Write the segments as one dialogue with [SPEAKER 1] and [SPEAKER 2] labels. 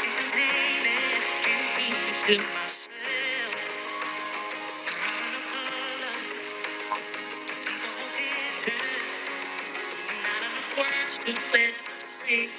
[SPEAKER 1] To myself, to worship and sing.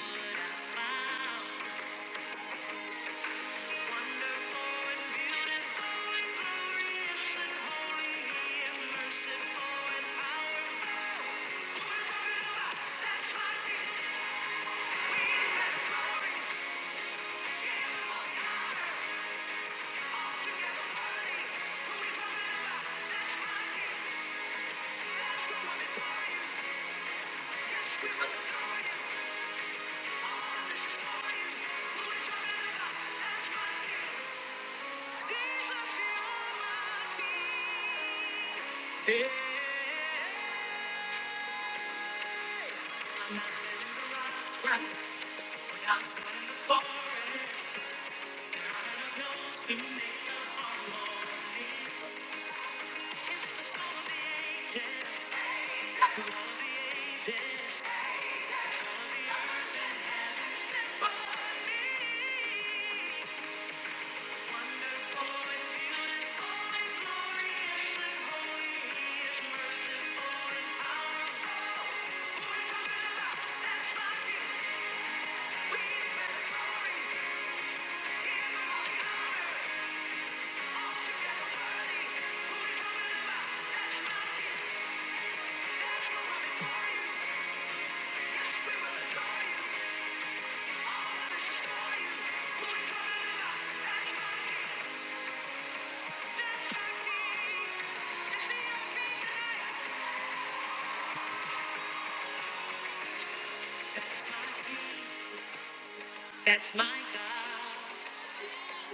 [SPEAKER 1] That's my God,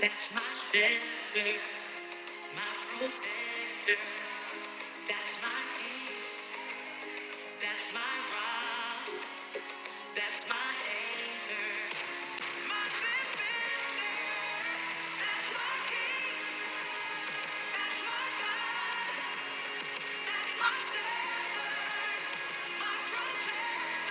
[SPEAKER 1] that's my shepherd, my protector, that's my king, that's my rock. That's my anchor, my baby. That's my king. That's my God. That's my shepherd, my protector.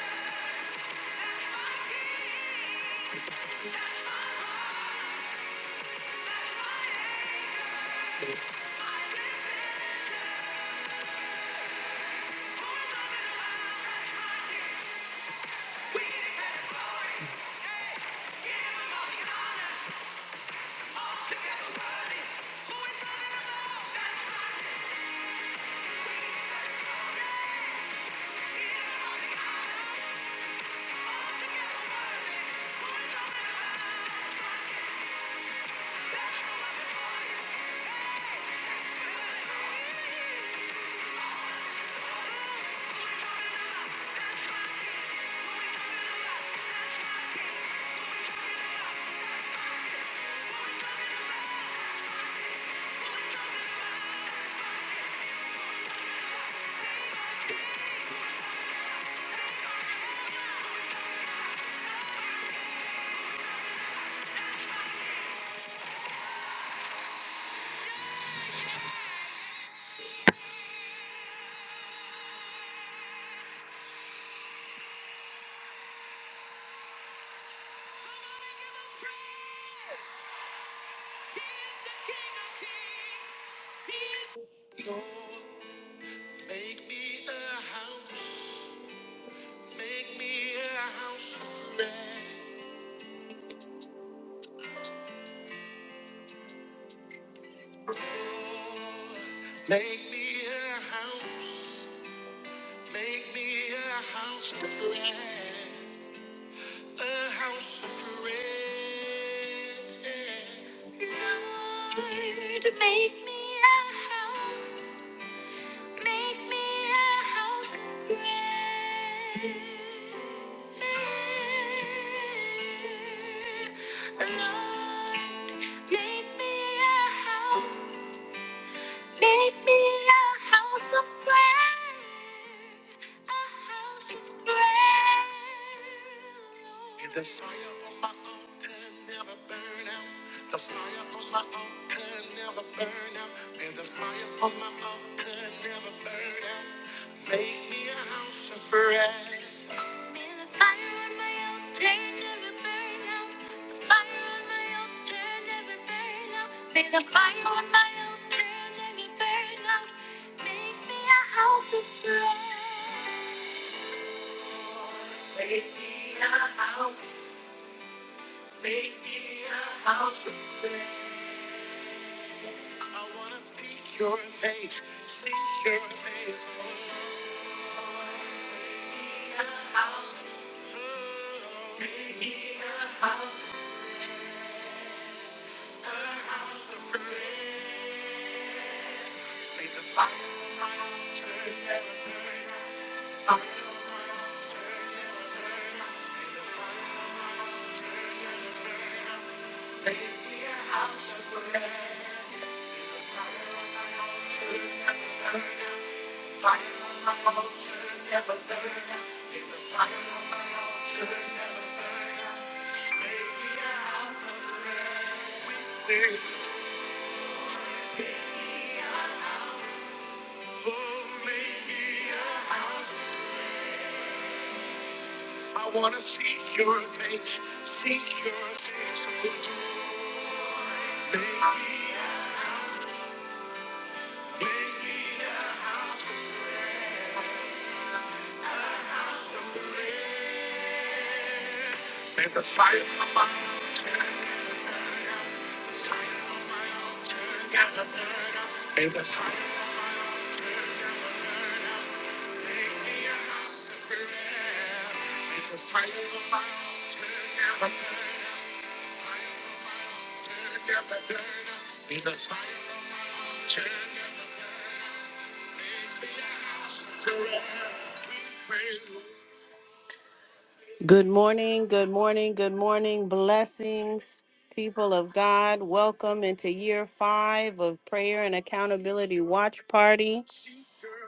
[SPEAKER 1] Good morning, good morning, good morning. Blessings, people of God. Welcome into year five of Prayer and Accountability Watch Party.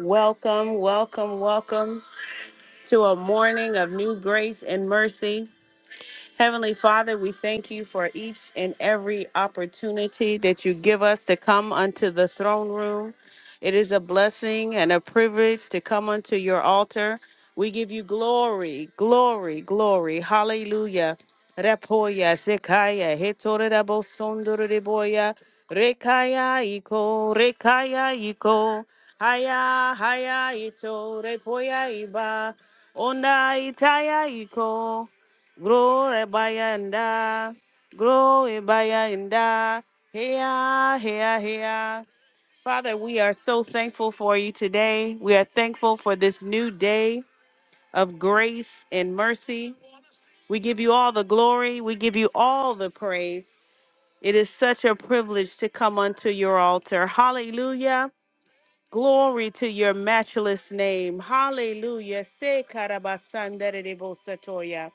[SPEAKER 1] Welcome, welcome, welcome to a morning of new grace and mercy. Heavenly Father, we thank you for each and every opportunity that you give us to come unto the throne room. It is a blessing and a privilege to come unto your altar. We give you glory, glory, glory. Hallelujah. Repoya, Sekaya, Hetorabo Sondoreboya, Rekaya Iko, Rekaya Iko, Haya, Haya Ito, Repoya Iba, Onda Itaya Iko. Glory bayanda, glory bayanda, here, here, here. Father, we are so thankful for you today. We are thankful for this new day of grace and mercy. We give you all the glory. We give you all the praise. It is such a privilege to come unto your altar. Hallelujah. Glory to your matchless name. Hallelujah. Se karabasandere bosatoya.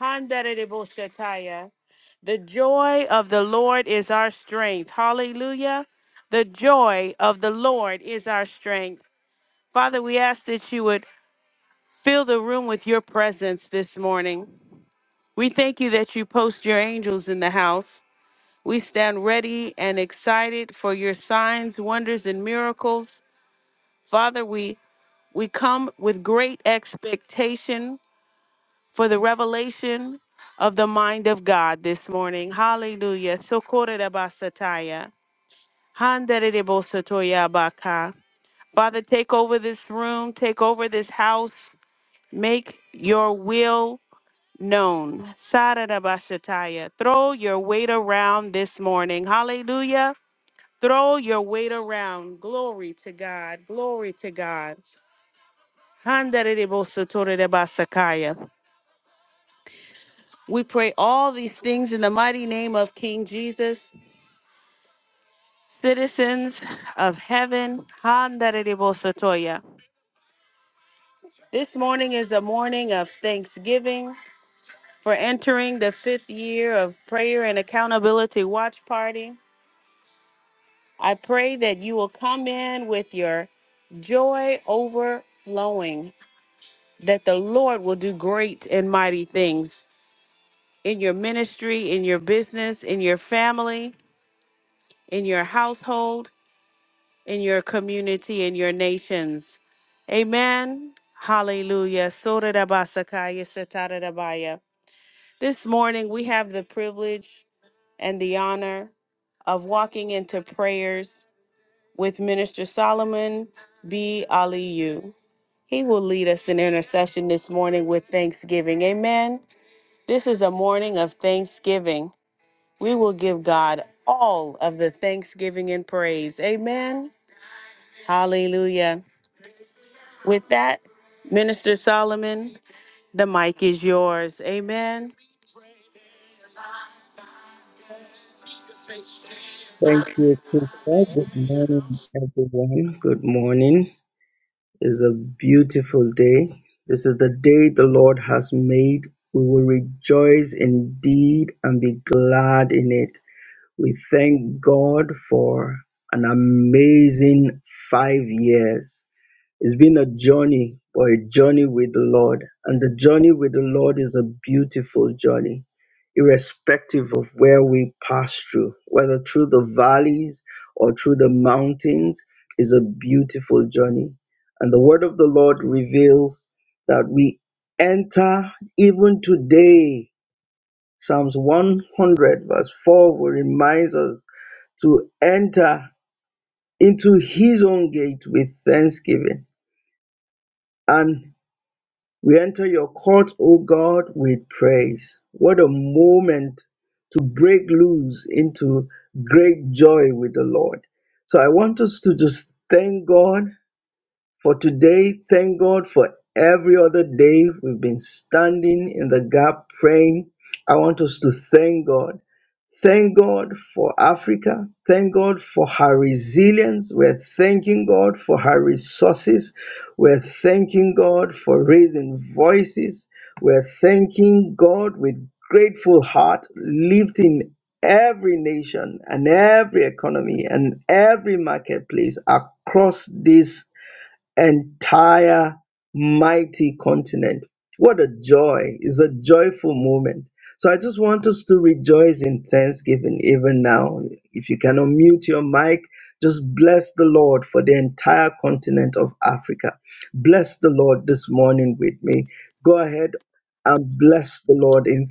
[SPEAKER 1] Handaridiboshataya. The joy of the Lord is our strength. Hallelujah. The joy of the Lord is our strength. Father, we ask that you would fill the room with your presence this morning. We thank you that you post your angels in the house. We stand ready and excited for your signs, wonders, and miracles. Father, we we come with great expectation for the revelation of the mind of God this morning. Hallelujah. Sokorebasataya. Handerebosotoyabaka. Father, take over this room, take over this house, make your will known. Sarabashataya. Throw your weight around this morning. Hallelujah. Throw your weight around. Glory to God. Glory to God. Handerebosotorebasakaya. We pray all these things in the mighty name of King Jesus, citizens of heaven. Handarebosotoya. This morning is a morning of thanksgiving for entering the fifth year of prayer and accountability watch party. I pray that you will come in with your joy overflowing, that the Lord will do great and mighty things in your ministry, in your business, in your family, in your household. in your community, in your nations. Amen. Hallelujah. Sorarabasakaya satarabaya. This morning, we have the privilege and the honor of walking into prayers with Minister Solomon B. Aliyu. He will lead us in intercession this morning with thanksgiving. Amen. This is a morning of thanksgiving. We will give God all of the thanksgiving and praise. Amen. Hallelujah. With that, Minister Solomon, the mic is yours. Amen.
[SPEAKER 2] Thank you, sister. Good morning, everyone. Good morning. It's a beautiful day. This is the day the Lord has made. We will rejoice indeed and be glad in it. We thank God for an amazing five years. It's been a journey, or a journey with the Lord. And the journey with the Lord is a beautiful journey, irrespective of where we pass through, whether through the valleys or through the mountains, is a beautiful journey. And the word of the Lord reveals that we enter even today. Psalms 100, verse 4, will reminds us to enter into his own gate with thanksgiving. And We enter your court, O God, with praise. What a moment to break loose into great joy with the Lord. So I want us to just thank God for today. Thank God for every other day we've been standing in the gap praying. I want us to thank God. Thank God for Africa. Thank God for her resilience. We're thanking God for her resources. We're thanking God for raising voices. We're thanking God with grateful heart, lifting every nation and every economy and every marketplace across this entire mighty continent. What a joy! It's a joyful moment. So I just want us to rejoice in thanksgiving even now. If you can unmute your mic, just bless the Lord for the entire continent of Africa. Bless the Lord this morning with me. Go ahead and bless the Lord in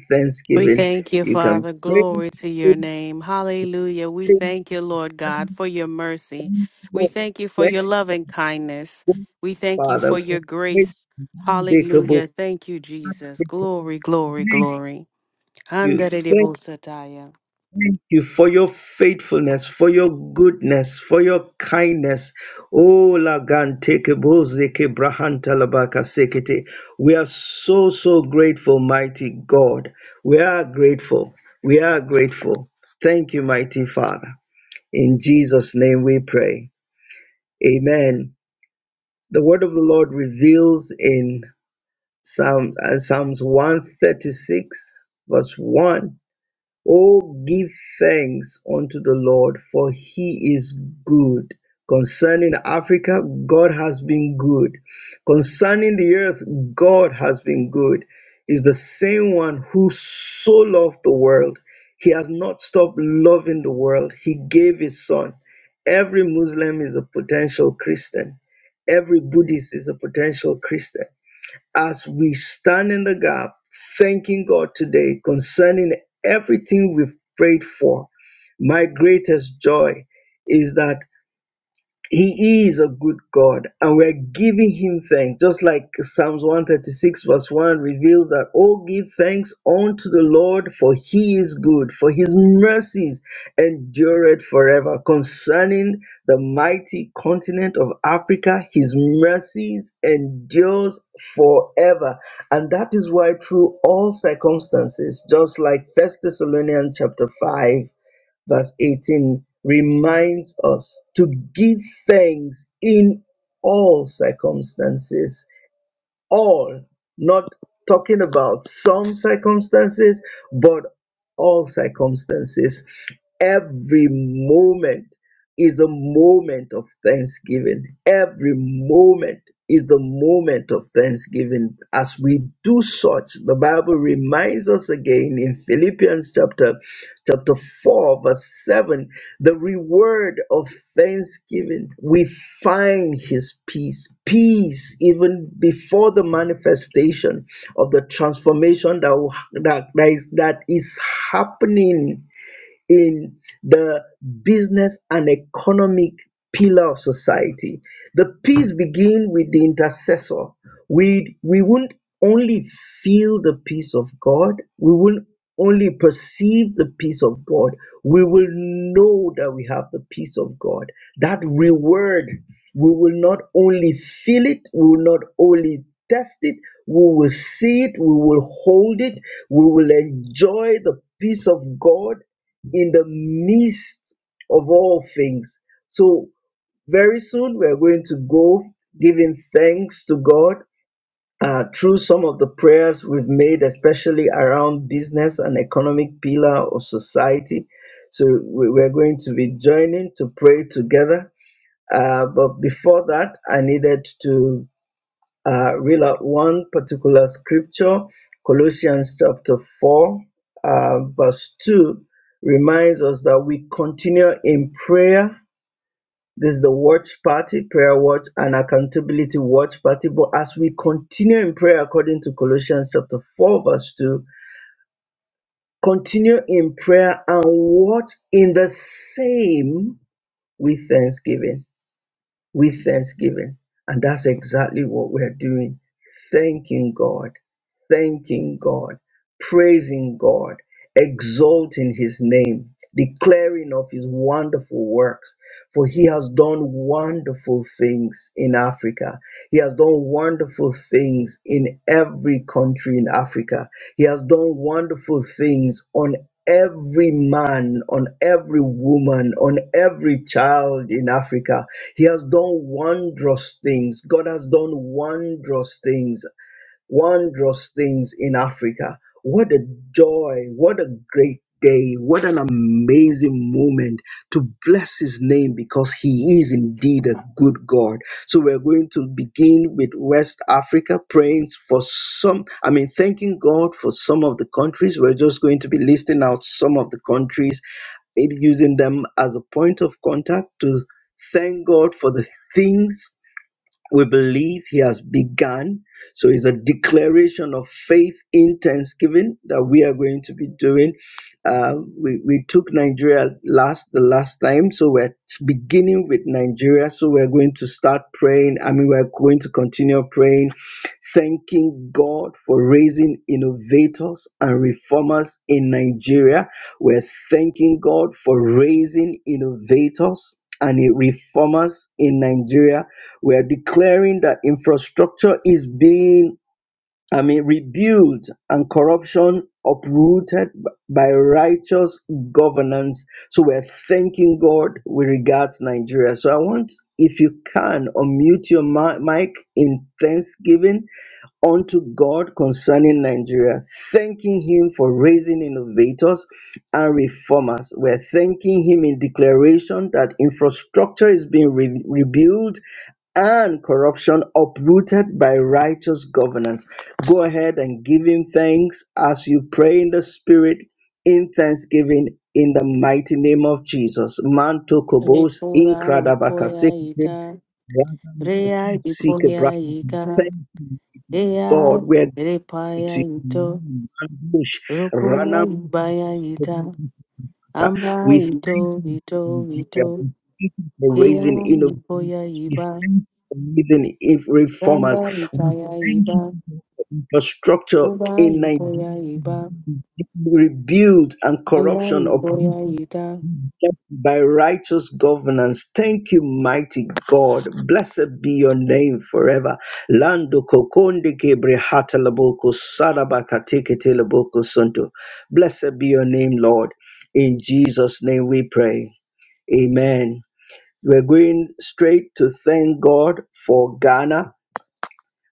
[SPEAKER 1] We
[SPEAKER 2] thanksgiving.
[SPEAKER 1] thank you,
[SPEAKER 2] You can
[SPEAKER 1] Father.
[SPEAKER 2] pray.
[SPEAKER 1] Glory to your name. Hallelujah. We
[SPEAKER 2] Thank
[SPEAKER 1] thank you, Lord God,
[SPEAKER 2] you,
[SPEAKER 1] for your mercy. We
[SPEAKER 2] Lord.
[SPEAKER 1] thank you for
[SPEAKER 2] Thank
[SPEAKER 1] your loving kindness.
[SPEAKER 2] you,
[SPEAKER 1] We thank you
[SPEAKER 2] Father.
[SPEAKER 1] for
[SPEAKER 2] We
[SPEAKER 1] your
[SPEAKER 2] praise
[SPEAKER 1] grace.
[SPEAKER 2] you, unbreakable.
[SPEAKER 1] Hallelujah. Thank you, Jesus. Glory, glory, glory.
[SPEAKER 2] you.
[SPEAKER 1] Andere de
[SPEAKER 2] Thank,
[SPEAKER 1] busataya.
[SPEAKER 2] thank you for your faithfulness, for your goodness, for your kindness. Oh, Lagante Keboze Kebrahanta Labaka Sekete. We are so, so grateful, mighty God. We are grateful. We are grateful. Thank you, mighty Father. In Jesus' name we pray. Amen. The word of the Lord reveals in Psalm, uh, Psalms 136, verse 1 O give thanks unto the Lord, for he is good. Concerning Africa, God has been good. Concerning the earth, God has been good. Is the same one who so loved the world. He has not stopped loving the world. He gave his son. Every Muslim is a potential Christian. Every Buddhist is a potential Christian as we stand in the gap, thanking God today concerning everything we've prayed for. My greatest joy is that. He is a good God, and we're giving Him thanks. Just like Psalms 136, verse 1 reveals that, Oh, give thanks unto the Lord, for He is good, for His mercies endureth forever. Concerning the mighty continent of Africa, His mercies endures forever. And that is why, through all circumstances, just like First Thessalonians chapter 5, verse 18 reminds us to give thanks in all circumstances all, not talking about some circumstances, but all circumstances. Every moment is a moment of thanksgiving. Every moment is the moment of thanksgiving. As we do such, the Bible reminds us again in Philippians chapter chapter 4 verse 7 the reward of thanksgiving, we find his peace, peace even before the manifestation of the transformation that, that, that, is, that is happening in the business and economic pillar of society. The peace begins with the intercessor. We we won't only feel the peace of God, we won't only perceive the peace of God, we will know that we have the peace of God. That reward, we will not only feel it, we will not only test it, we will see it, we will hold it, we will enjoy the peace of God in the midst of all things. So, very soon we're going to go giving thanks to God uh, through some of the prayers we've made, especially around business and economic pillar of society. So, we- we're going to be joining to pray together. Uh, but before that, I needed to uh, reel out one particular scripture. Colossians chapter 4, uh, verse 2 reminds us that we continue in prayer. This is the watch party, prayer watch, and accountability watch party. But as we continue in prayer, according to Colossians chapter 4, verse 2, continue in prayer and watch in the same with thanksgiving with thanksgiving. And that's exactly what we're doing. Thanking God, thanking God, praising God, exalting His name, declaring of His wonderful works. For He has done wonderful things in Africa. He has done wonderful things in every country in Africa. He has done wonderful things on every man, on every woman, on every child in Africa he has done wondrous things. God has done wondrous things, wondrous things in Africa. What a joy. What a great day. What an amazing moment to bless his name because he is indeed a good God. So we're going to begin with West Africa, praying for some, I mean, thanking God for some of the countries. We're just going to be listing out some of the countries it using them as a point of contact to thank God for the things we believe he has begun. So it's a declaration of faith in Thanksgiving that we are going to be doing. Uh, we, we took Nigeria last the last time, so we're beginning with Nigeria. So we're going to start praying. I mean, we're going to continue praying, thanking God for raising innovators and reformers in Nigeria. We're thanking God for raising innovators and reformers in Nigeria we are declaring that infrastructure is being, I mean, rebuilt and corruption uprooted b- by righteous governance. So we're thanking God with regards Nigeria. So I want, if you can, unmute your mi- mic in thanksgiving unto God concerning Nigeria, thanking Him for raising innovators and reformers. We're thanking Him in declaration that infrastructure is being re- rebuilt and corruption uprooted by righteous governance. Go ahead and give him thanks as you pray in the spirit in thanksgiving in the mighty name of Jesus. Manto kobos
[SPEAKER 1] Repura
[SPEAKER 2] inkradabakasekete,
[SPEAKER 1] ipoya ita. Rea
[SPEAKER 2] rakamokosikebraka.
[SPEAKER 1] ipoya ika.
[SPEAKER 2] Thank you, God.
[SPEAKER 1] Ea
[SPEAKER 2] We're good
[SPEAKER 1] repaya
[SPEAKER 2] to
[SPEAKER 1] ito.
[SPEAKER 2] you. Mandosh,
[SPEAKER 1] Rokuya
[SPEAKER 2] ranamokobos
[SPEAKER 1] ibaya ita amba
[SPEAKER 2] we thank
[SPEAKER 1] ito
[SPEAKER 2] you for
[SPEAKER 1] ito
[SPEAKER 2] Nigeria.
[SPEAKER 1] ito
[SPEAKER 2] We thank you for
[SPEAKER 1] hea
[SPEAKER 2] raising innovators.
[SPEAKER 1] ipoya
[SPEAKER 2] We
[SPEAKER 1] iba
[SPEAKER 2] thank you for raising if- reformers.
[SPEAKER 1] ganda
[SPEAKER 2] We
[SPEAKER 1] itaya
[SPEAKER 2] thank you
[SPEAKER 1] iba
[SPEAKER 2] for infrastructure
[SPEAKER 1] uba
[SPEAKER 2] in
[SPEAKER 1] ipoya
[SPEAKER 2] Nigeria is
[SPEAKER 1] iba
[SPEAKER 2] being rebuilt and
[SPEAKER 1] anda
[SPEAKER 2] corruption uprooted
[SPEAKER 1] ipoya ita.
[SPEAKER 2] by righteous governance. Thank you, mighty God. Blessed be your name forever. Lando kokonde kebre hatalaboko sarabaka teketeleboko sunto. Blessed be your name, Lord. In Jesus' name we pray. Amen. We're going straight to thank God for Ghana.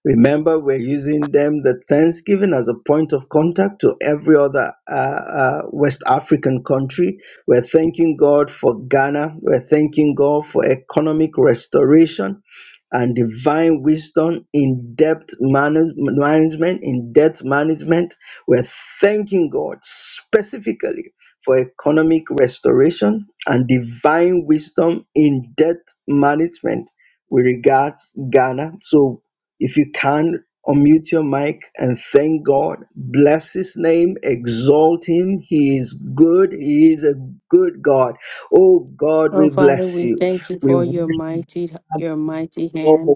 [SPEAKER 2] Remember, we're using them, the Thanksgiving, as a point of contact to every other uh, uh, West African country. We're thanking God for Ghana. We're thanking God for economic restoration and divine wisdom in debt management, in debt management. We're thanking God specifically for economic restoration and divine wisdom in debt management with regards Ghana. So if you can unmute your mic and thank God, bless his name, exalt him. He is good, he is a good God. Oh God,
[SPEAKER 1] Oh
[SPEAKER 2] we
[SPEAKER 1] Father,
[SPEAKER 2] bless
[SPEAKER 1] we
[SPEAKER 2] you.
[SPEAKER 1] thank you
[SPEAKER 2] We
[SPEAKER 1] for
[SPEAKER 2] worship
[SPEAKER 1] your mighty your
[SPEAKER 2] you.
[SPEAKER 1] mighty
[SPEAKER 2] Lord,
[SPEAKER 1] hand.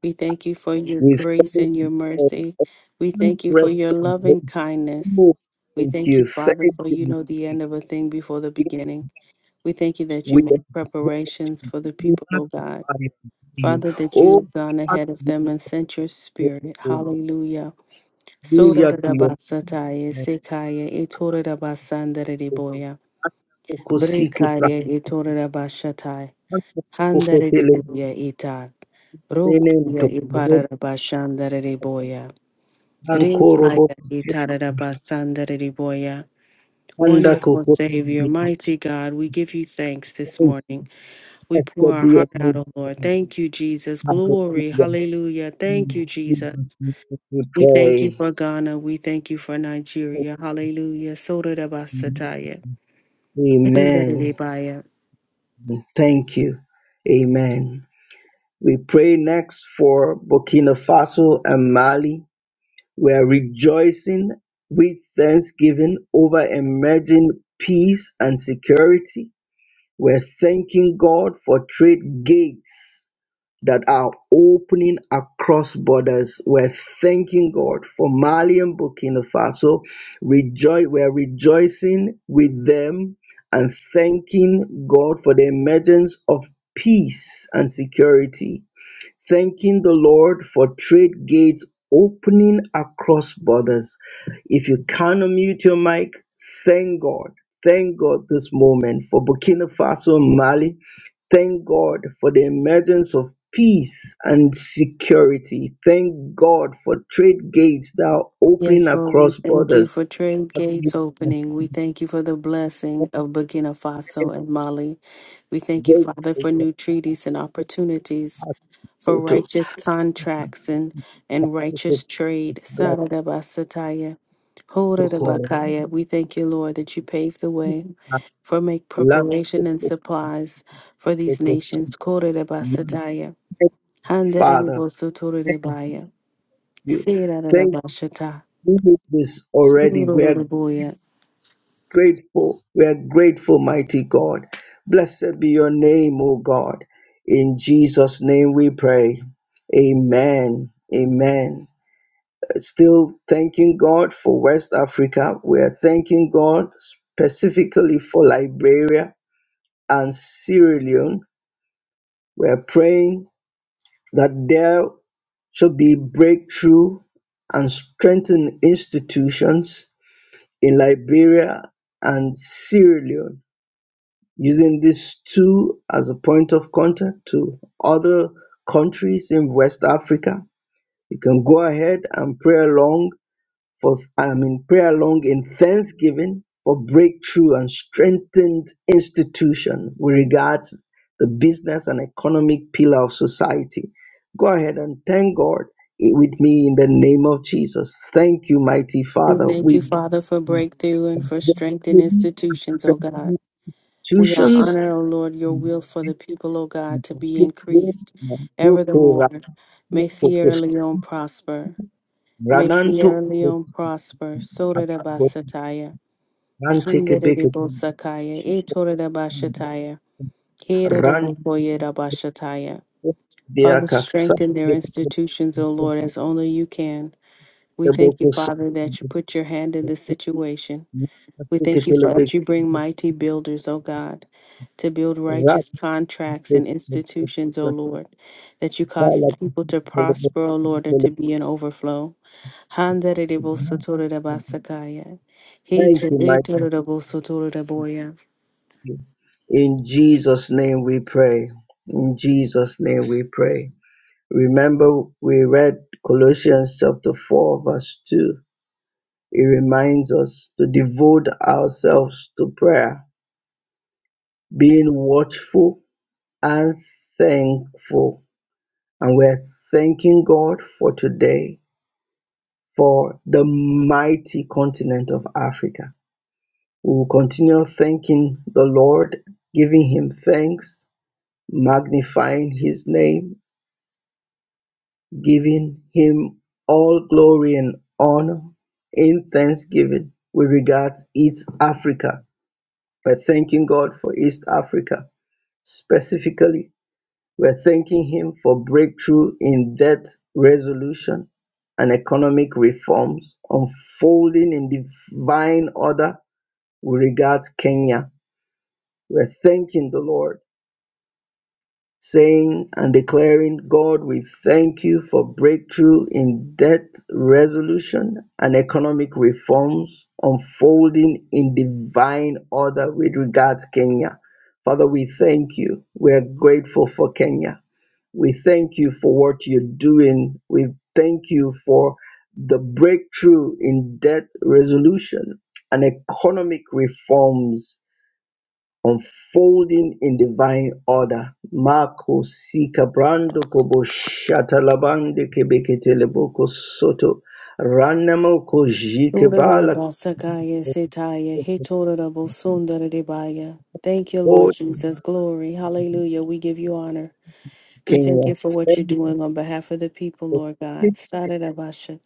[SPEAKER 1] We thank you for your
[SPEAKER 2] we
[SPEAKER 1] grace
[SPEAKER 2] thank
[SPEAKER 1] and your
[SPEAKER 2] you for the
[SPEAKER 1] mercy. We
[SPEAKER 2] excellent
[SPEAKER 1] thank you for your loving
[SPEAKER 2] restoration.
[SPEAKER 1] kindness.
[SPEAKER 2] Oh,
[SPEAKER 1] We
[SPEAKER 2] Thank
[SPEAKER 1] thank you,
[SPEAKER 2] you, thank
[SPEAKER 1] Father, for you
[SPEAKER 2] you. Lord.
[SPEAKER 1] know the end of a thing before the beginning. We thank you that you
[SPEAKER 2] We
[SPEAKER 1] make
[SPEAKER 2] exalt
[SPEAKER 1] preparations for the
[SPEAKER 2] you,
[SPEAKER 1] people, O God.
[SPEAKER 2] magnify your name.
[SPEAKER 1] Father, that you
[SPEAKER 2] Oh,
[SPEAKER 1] have gone
[SPEAKER 2] God,
[SPEAKER 1] ahead of
[SPEAKER 2] we
[SPEAKER 1] them and sent your
[SPEAKER 2] thank
[SPEAKER 1] spirit.
[SPEAKER 2] you.
[SPEAKER 1] Hallelujah.
[SPEAKER 2] hallelujah to your
[SPEAKER 1] Sodarabasataya,
[SPEAKER 2] goodness.
[SPEAKER 1] sekaya, itorabasandariboya,
[SPEAKER 2] Koko sike
[SPEAKER 1] brekaya, itorabashatai,
[SPEAKER 2] prakasa, koko telebele,
[SPEAKER 1] handariboya, ita, rokuya,
[SPEAKER 2] ntokoro,
[SPEAKER 1] iparabashandariboya,
[SPEAKER 2] ankoro bo,
[SPEAKER 1] rekaya, itarabasandariboya.
[SPEAKER 2] anda
[SPEAKER 1] Wonderful
[SPEAKER 2] koko
[SPEAKER 1] Savior,
[SPEAKER 2] tingi.
[SPEAKER 1] mighty God, we give you thanks this morning. We pour
[SPEAKER 2] Blessed
[SPEAKER 1] our
[SPEAKER 2] be your
[SPEAKER 1] heart out,
[SPEAKER 2] name,
[SPEAKER 1] O Lord.
[SPEAKER 2] God.
[SPEAKER 1] Thank you, Jesus. Glory.
[SPEAKER 2] Hallelujah.
[SPEAKER 1] Hallelujah. Thank
[SPEAKER 2] In
[SPEAKER 1] you, Jesus.
[SPEAKER 2] Jesus' name we
[SPEAKER 1] We thank you for
[SPEAKER 2] pray.
[SPEAKER 1] Ghana. We thank you for Nigeria. Hallelujah. Sotarabasataya.
[SPEAKER 2] Amen.
[SPEAKER 1] Indariribaya.
[SPEAKER 2] Thank you. Amen. We pray next for Burkina Faso and Mali. We are rejoicing with thanksgiving over emerging peace and security. We're thanking God for trade gates that are opening across borders. We're thanking God for Mali and Burkina Faso. Rejoice, we're rejoicing with them and thanking God for the emergence of peace and security. Thanking the Lord for trade gates opening across borders. If you can unmute your mic, thank God. Thank God this moment for Burkina Faso and Mali Thank God for the emergence of peace and security. Thank God for trade gates that are opening
[SPEAKER 1] Yes, Lord, we
[SPEAKER 2] across
[SPEAKER 1] thank you
[SPEAKER 2] borders.
[SPEAKER 1] for trade gates opening. We thank you for the blessing of Burkina Faso and Mali. We thank you, Father, for new treaties and opportunities. for righteous contracts and, and righteous trade. Saradabasataya. Horadabakaya. We thank you, Lord, that you pave the way for make preparation and supplies for these nations. Koradabasataya.
[SPEAKER 2] Father, thank
[SPEAKER 1] Handaribosotorodebaya.
[SPEAKER 2] you. Thank
[SPEAKER 1] Siradabashata.
[SPEAKER 2] you for this already. We are
[SPEAKER 1] Surorodaboya.
[SPEAKER 2] grateful. We are grateful, mighty God. Blessed be your name, O God. In Jesus' name we pray. Amen. Amen. Still thanking God for West Africa. We are thanking God specifically for Liberia and Sierra Leone. We are praying that there should be breakthrough and strengthen institutions in Liberia and Sierra Leone using these two as a point of contact to other countries in West Africa. You can go ahead and pray along for I mean pray along in thanksgiving for breakthrough and strengthened institution with regards the business and economic pillar of society. Go ahead and thank God with me in the name of Jesus. Thank you, mighty
[SPEAKER 1] We
[SPEAKER 2] Father.
[SPEAKER 1] thank you,
[SPEAKER 2] We
[SPEAKER 1] Father, for breakthrough and for strength in institutions, O God. We are
[SPEAKER 2] institutions
[SPEAKER 1] honored, O Lord, your will for the people, O God,
[SPEAKER 2] Thank
[SPEAKER 1] to be increased ever the more. May Sierra Leone prosper. May Sierra Leone prosper. Sora da basataya. Handere de bosakaya. Etore da bashataya. Here da bokoye da bashataya. Father, strengthen their institutions, O Lord, as only you can. We thank you, Father, that you put your hand in this situation. We thank you for that you bring mighty builders, O God, to build righteous contracts and institutions, O Lord, that you cause the people to prosper, O Lord, and to be in overflow. Handaredebosotoredabasakaya.
[SPEAKER 2] you, mighty.
[SPEAKER 1] Heteretererebosotoreboya.
[SPEAKER 2] King. In Jesus' name we pray. In Jesus' name we pray. Remember we read Colossians chapter 4 verse 2. It reminds us to devote ourselves to prayer, being watchful and thankful. And we're thanking God for today, for the mighty continent of Africa. We will continue thanking the Lord, giving him thanks, magnifying his name, Giving him all glory and honor in thanksgiving, we regard East Africa. We're thanking God for East Africa. Specifically, we're thanking Him for breakthrough in debt resolution and economic reforms unfolding in divine order. with regards Kenya. We're thanking the Lord saying and declaring, God, we thank you for breakthrough in debt resolution and economic reforms unfolding in divine order with regards Kenya. Father, we thank you. We are grateful for Kenya. We thank you for what you're doing. We thank you for the breakthrough in debt resolution and economic reforms unfolding in divine order. Mako sika brando kobo shata labande kebekete leboko soto ranamo kojike bala
[SPEAKER 1] Torerebasakaya setaya. Hetorerebosonderedebaya. Thank you, Lord
[SPEAKER 2] God
[SPEAKER 1] Jesus. Glory. Hallelujah. We give you honor. We thank
[SPEAKER 2] Kenya
[SPEAKER 1] you
[SPEAKER 2] your
[SPEAKER 1] for what you're
[SPEAKER 2] faith
[SPEAKER 1] doing on behalf of the people,
[SPEAKER 2] of
[SPEAKER 1] Lord God. Saradabasha.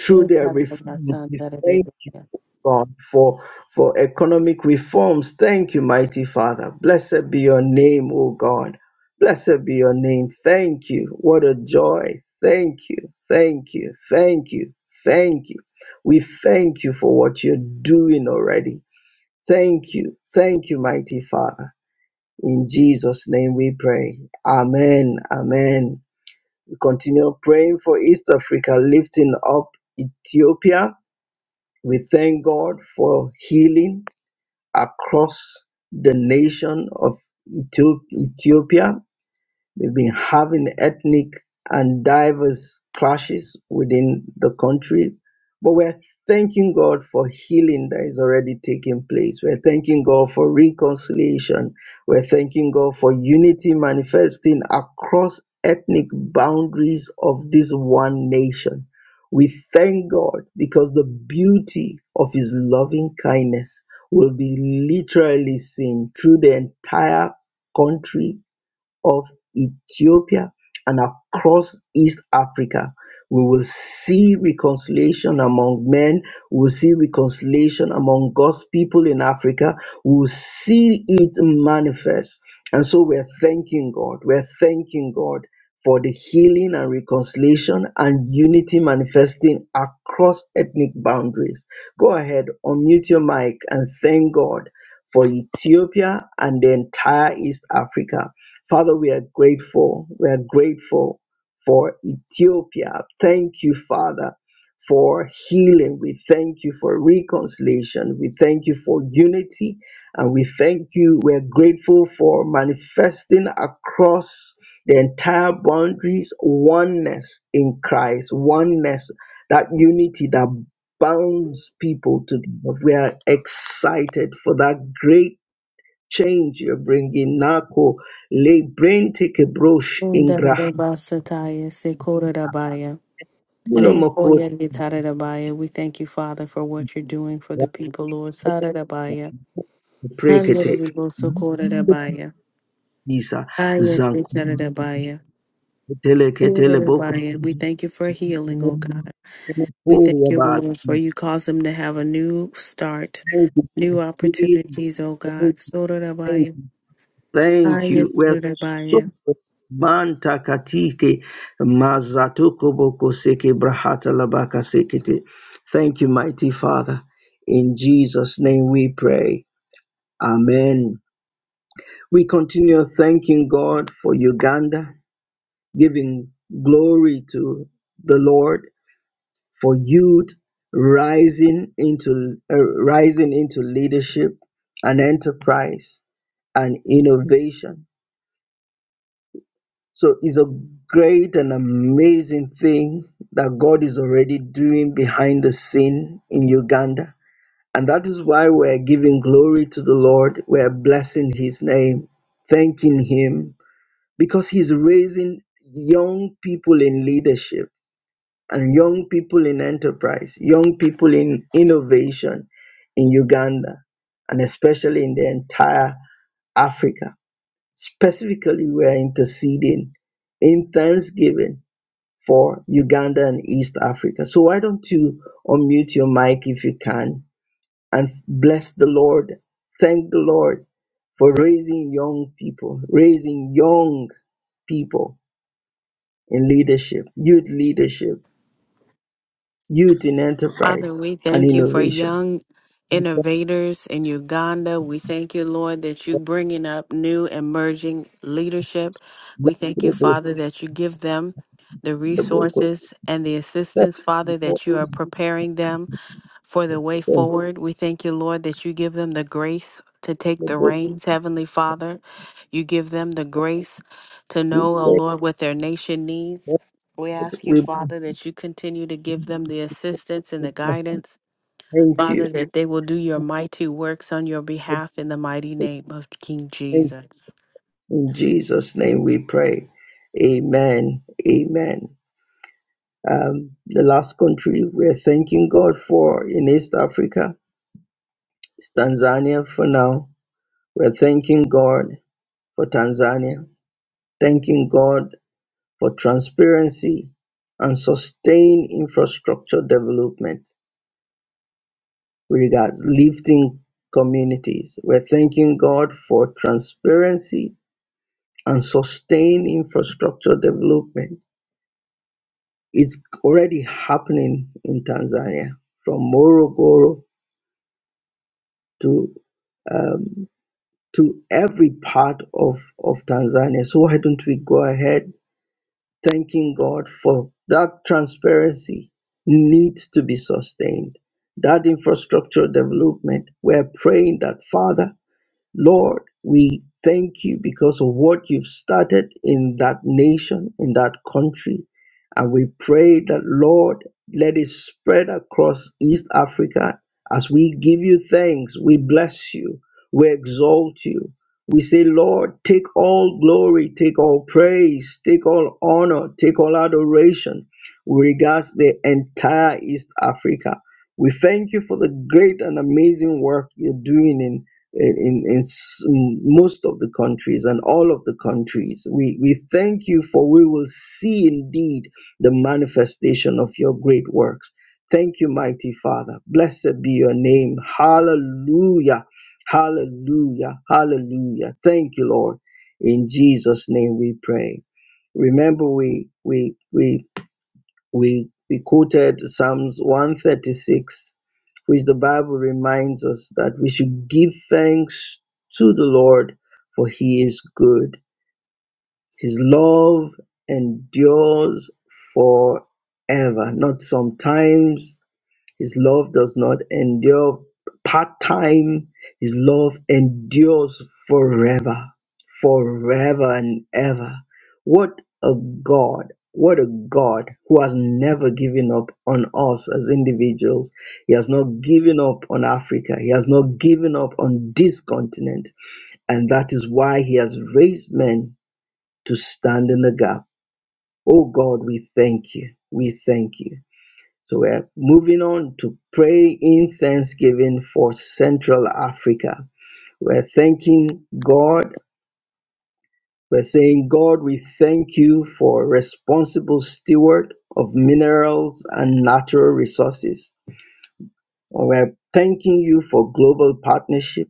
[SPEAKER 2] through their refuge.
[SPEAKER 1] Debarabasandaradebraya.
[SPEAKER 2] God, for, for economic reforms. Thank you, mighty Father. Blessed be your name, O God. Blessed be your name. Thank you. What a joy. Thank you. Thank you. Thank you. Thank you. We thank you for what you're doing already. Thank you. Thank you, mighty Father. In Jesus' name we pray. Amen. Amen. We continue praying for East Africa, lifting up Ethiopia. We thank God for healing across the nation of Ethiopia They've been having ethnic and diverse clashes within the country. But we're thanking God for healing that is already taking place. We're thanking God for reconciliation. We're thanking God for unity manifesting across ethnic boundaries of this one nation. We thank God because the beauty of His loving kindness will be literally seen through the entire country of Ethiopia and across East Africa. We will see reconciliation among men. We'll see reconciliation among God's people in Africa. We'll see it manifest. And so we're thanking God. We're thanking God for the healing and reconciliation and unity manifesting across ethnic boundaries. Go ahead, unmute your mic and thank God for Ethiopia and the entire East Africa Father, we are grateful. We are grateful for Ethiopia. Thank you, Father, for healing. We thank you for reconciliation. We thank you for unity. And we thank you. We're grateful for manifesting across the entire boundaries oneness in Christ, oneness, that unity that bounds people together. We are excited for that great change you're bringing. Nako le brente kebrosh ingraha.
[SPEAKER 1] Sundarabasataya sekorabaya.
[SPEAKER 2] Una makoti
[SPEAKER 1] Rekoyaritarabaya. We thank you, Father, for what you're doing for the people, Lord. Sarabaya.
[SPEAKER 2] prekete.
[SPEAKER 1] Handarabosokorabaya.
[SPEAKER 2] Isa zankuma
[SPEAKER 1] Ayasetarabaya.
[SPEAKER 2] tele ketele boko.
[SPEAKER 1] Urabaya. We thank you for healing, O God. We thank you, O
[SPEAKER 2] about
[SPEAKER 1] Lord, for you cause them to have a new start,
[SPEAKER 2] Thank
[SPEAKER 1] new
[SPEAKER 2] you. Jesus.
[SPEAKER 1] opportunities, O God.
[SPEAKER 2] Thank you.
[SPEAKER 1] Sorabaya.
[SPEAKER 2] Thank you. We're so
[SPEAKER 1] Ayasetarabaya.
[SPEAKER 2] manta katike mazatoko boko seke brahata labaka sekete. Thank you, mighty Father. In Jesus' name we pray. Amen. We continue thanking God for Uganda, giving glory to the Lord for youth rising into uh, rising into leadership and enterprise and innovation. So it's a great and amazing thing that God is already doing behind the scene in Uganda. And that is why we're giving glory to the Lord. We're blessing his name, thanking him because he's raising young people in leadership and young people in enterprise, young people in innovation in Uganda, and especially in the entire Africa. Specifically, we are interceding in thanksgiving for Uganda and East Africa. So, why don't you unmute your mic if you can and bless the Lord? Thank the Lord for raising young people, raising young people in leadership, youth leadership, youth in
[SPEAKER 1] Father,
[SPEAKER 2] enterprise
[SPEAKER 1] we
[SPEAKER 2] and
[SPEAKER 1] thank you for
[SPEAKER 2] innovation.
[SPEAKER 1] young
[SPEAKER 2] That's
[SPEAKER 1] innovators in Uganda. We thank you, Lord, that you bringing up new emerging leadership. We
[SPEAKER 2] not
[SPEAKER 1] thank you,
[SPEAKER 2] the book-
[SPEAKER 1] Father, that you give them the
[SPEAKER 2] the book.
[SPEAKER 1] resources and the
[SPEAKER 2] That's
[SPEAKER 1] assistance, Father, that
[SPEAKER 2] important.
[SPEAKER 1] you are preparing them for the way forward. We thank you, Lord, that you give them the grace to take
[SPEAKER 2] The
[SPEAKER 1] the
[SPEAKER 2] book.
[SPEAKER 1] reins, Heavenly Father. You give them the grace to
[SPEAKER 2] We
[SPEAKER 1] know, oh
[SPEAKER 2] thank
[SPEAKER 1] Lord, what their nation needs. We ask you,
[SPEAKER 2] we
[SPEAKER 1] Father, that you continue to give them the assistance and the guidance.
[SPEAKER 2] thank you.
[SPEAKER 1] Father, that they will do your mighty works on your behalf in the mighty name of King
[SPEAKER 2] Thank you.
[SPEAKER 1] Jesus.
[SPEAKER 2] In Jesus' name we pray. Amen. Amen. Um, the last country we're thanking God for in East Africa is Tanzania for now. We're thanking God for Tanzania, thanking God for transparency and sustained infrastructure development regards lifting communities. We're thanking God for transparency and sustained infrastructure development. It's already happening in Tanzania, from Morogoro to um, to every part of, of Tanzania. So why don't we go ahead thanking God for that transparency needs to be sustained. That infrastructure development, we're praying that, Father, Lord, we thank you because of what you've started in that nation, in that country. And we pray that, Lord, let it spread across East Africa. As we give you thanks, we bless you, we exalt you. We say, Lord, take all glory, take all praise, take all honor, take all adoration with regards to the entire East Africa. We thank you for the great and amazing work you're doing in in, in, in most of the countries and all of the countries. We, we thank you for we will see indeed the manifestation of your great works. Thank you, mighty Father. Blessed be your name. Hallelujah. Hallelujah. Hallelujah. Thank you, Lord. In Jesus' name we pray. Remember, we we we we, we quoted Psalms 136, which the Bible reminds us that we should give thanks to the Lord, for he is good. His love endures forever, not sometimes, his love does not endure part time. His love endures forever, forever and ever. What a God. What a God who has never given up on us as individuals. He has not given up on Africa. He has not given up on this continent. And that is why He has raised men to stand in the gap. Oh God, we thank you. We thank you. So we're moving on to pray in thanksgiving for Central Africa. We're thanking God. We're saying, God, we thank you for responsible steward of minerals and natural resources. And we're thanking you for global partnership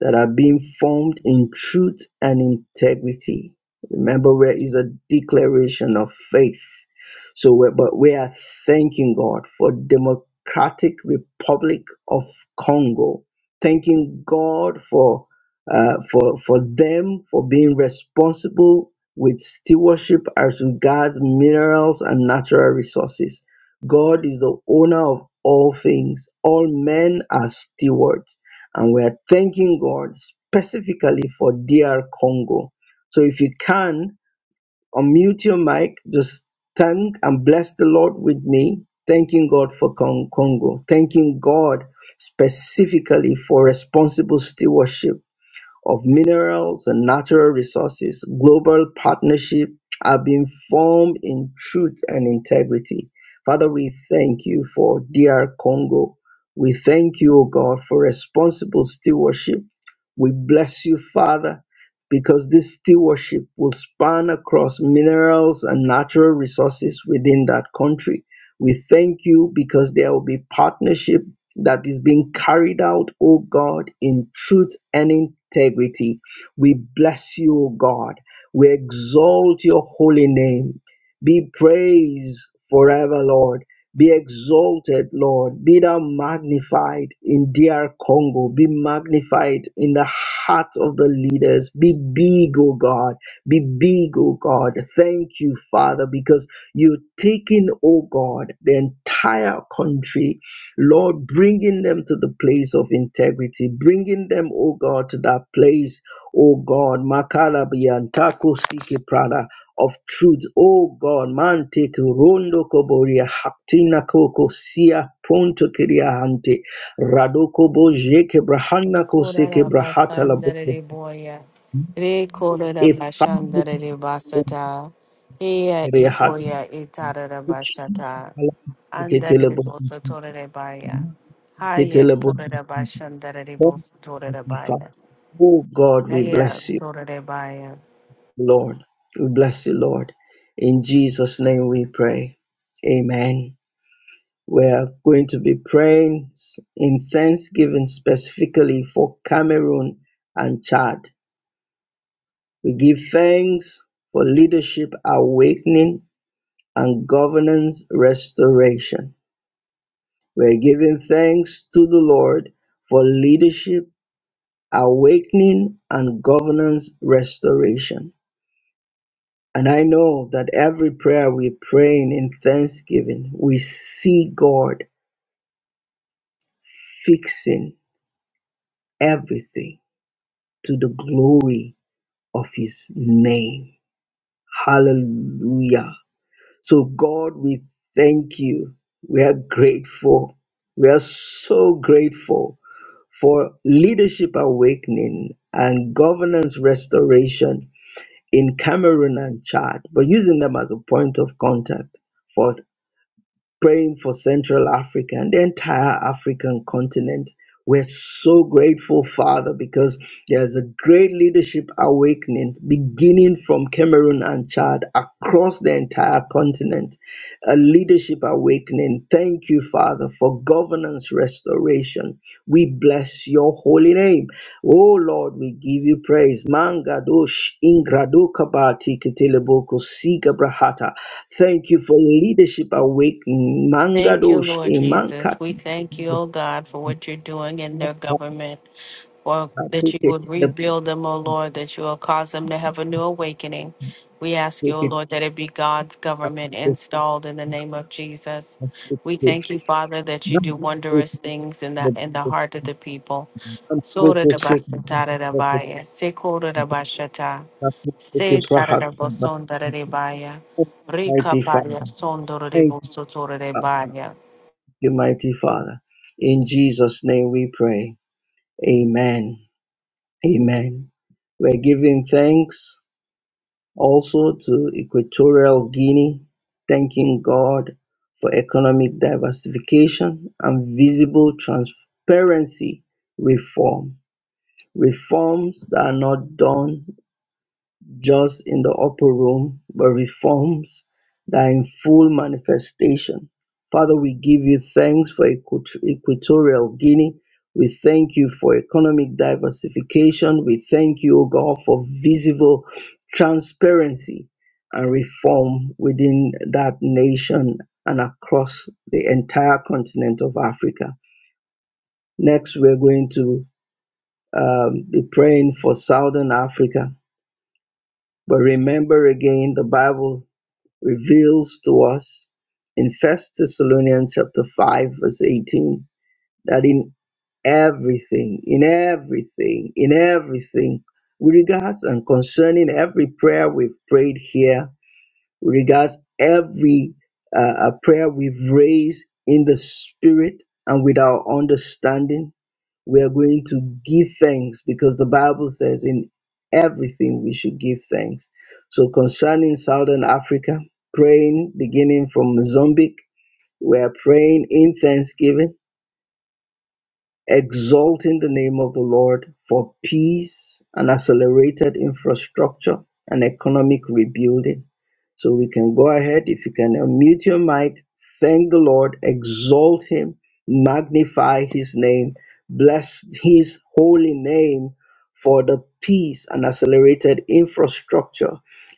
[SPEAKER 2] that are being formed in truth and integrity. Remember, where is a declaration of faith. So, we but we are thanking God for Democratic Republic of Congo. Thanking God for uh, for for them for being responsible with stewardship as regards minerals and natural resources. God is the owner of all things. All men are stewards and we are thanking God specifically for DR Congo. So if you can unmute your mic, just thank and bless the Lord with me, thanking God for Con- Congo, thanking God specifically for responsible stewardship of minerals and natural resources, global partnership are being formed in truth and integrity. Father, we thank you for DR Congo. We thank you, O God, for responsible stewardship. We bless you, Father, because this stewardship will span across minerals and natural resources within that country. We thank you because there will be partnership that is being carried out, O God, in truth and integrity. We bless you, O God. We exalt your holy name. Be praised forever, Lord. Be exalted, Lord. Be thou magnified in DR Congo. Be magnified in the heart of the leaders. Be big, O God. Be big, O God. Thank you, Father, because you're taking, O God, the entire country Lord, bringing them to the place of integrity, bringing them, oh God, to that place, oh God, Makalabiyantako Siki Prada of truth, oh God, Mante Rondo Koboria Haktina Koko Sia Ponto Kiria Hante Radoko Boje Kebrahana Koseke
[SPEAKER 1] Rekorara
[SPEAKER 2] Brahata Laboko
[SPEAKER 1] basandere boya. Rekorara
[SPEAKER 2] Efando
[SPEAKER 1] basandere basata. Eya
[SPEAKER 2] Kiria Hatu
[SPEAKER 1] ipoya itarara basata. Andere
[SPEAKER 2] Ketelebo
[SPEAKER 1] bosotore baya. Haya
[SPEAKER 2] Ketelebo
[SPEAKER 1] torara basandere
[SPEAKER 2] Oh,
[SPEAKER 1] bosotore
[SPEAKER 2] Father.
[SPEAKER 1] baya.
[SPEAKER 2] Oh, God, we
[SPEAKER 1] Haya
[SPEAKER 2] bless you,
[SPEAKER 1] torare baya.
[SPEAKER 2] Lord. We bless you, Lord. In Jesus' name we pray. Amen. We are going to be praying in thanksgiving specifically for Cameroon and Chad. We give thanks for leadership awakening and governance restoration. We're giving thanks to the Lord for leadership awakening and governance restoration. And I know that every prayer we're praying in thanksgiving, we see God fixing everything to the glory of his name. Hallelujah. So, God, we thank you. We are grateful. We are so grateful for leadership awakening and governance restoration in Cameroon and Chad, but using them as a point of contact for. praying for Central Africa and the entire African continent. We're so grateful, Father, because there's a great leadership awakening beginning from Cameroon and Chad across the entire continent. A leadership awakening. Thank you, Father, for governance restoration. We bless your holy name. Oh Lord, we give you praise. Mangadosh ingrado kabati kiteleboko Thank you for leadership awake.
[SPEAKER 1] Thank you,
[SPEAKER 2] Mangadosh
[SPEAKER 1] Lord Jesus.
[SPEAKER 2] imankat.
[SPEAKER 1] We thank you, oh God, for what you're doing in their government. Or that you would rebuild them, O Lord, that you will cause them to have a new awakening. We ask you, O Lord, that it be God's government installed in the name of Jesus. We thank you, Father, that you do wondrous things in the in the heart of the people. Sora da basatara da baya, sekora da bashata. Se tararabo sondare baya. Rika
[SPEAKER 2] Mighty
[SPEAKER 1] paya
[SPEAKER 2] Father.
[SPEAKER 1] sondore de
[SPEAKER 2] Thank
[SPEAKER 1] bosotore de baya.
[SPEAKER 2] you, mighty Father. In Jesus' name we pray. Amen. Amen. We're giving thanks. Also to Equatorial Guinea, thanking God for economic diversification and visible transparency reform, reforms that are not done just in the upper room, but reforms that are in full manifestation. Father, we give you thanks for Equat- Equatorial Guinea. We thank you for economic diversification. We thank you, O God, for visible transparency and reform within that nation and across the entire continent of Africa. Next, we're going to um, be praying for Southern Africa. But remember again, the Bible reveals to us in First Thessalonians chapter 5, verse 18, that in everything, in everything, in everything, with regards and concerning every prayer we've prayed here regards every uh, uh, prayer we've raised in the spirit and with our understanding. We are going to give thanks because the Bible says in everything we should give thanks. So, concerning Southern Africa, praying beginning from Mozambique, we are praying in thanksgiving exalt in the name of the Lord for peace and accelerated infrastructure and economic rebuilding. So we can go ahead. If you can unmute your mic, thank the Lord, exalt Him, magnify His name, bless His holy name for the peace and accelerated infrastructure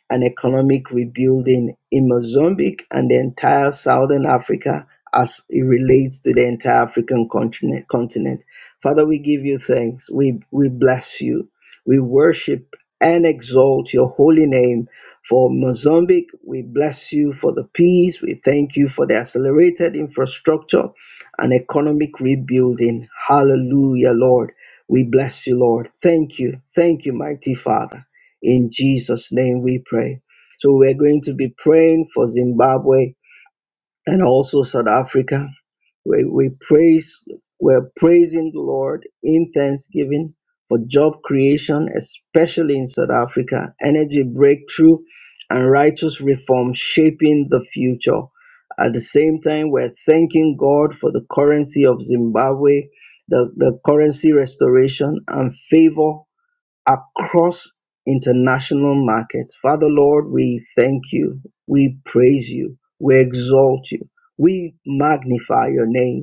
[SPEAKER 2] and economic rebuilding in Mozambique and the entire Southern Africa as it relates to the entire African continent. continent. Father, we give you thanks. We, we bless you. We worship and exalt your holy name for Mozambique. We bless you for the peace. We thank you for the accelerated infrastructure and economic rebuilding. Hallelujah, Lord. We bless you, Lord. Thank you. Thank you, mighty Father. In Jesus' name we pray. So we're going to be praying for Zimbabwe and also South Africa. We, we praise, we're praising the Lord in thanksgiving for job creation, especially in South Africa, energy breakthrough, and righteous reform shaping the future. At the same time, we're thanking God for the currency of Zimbabwe, the, the currency restoration and favor across international markets. Father Lord, we thank you. We praise you. We exalt you. We magnify your name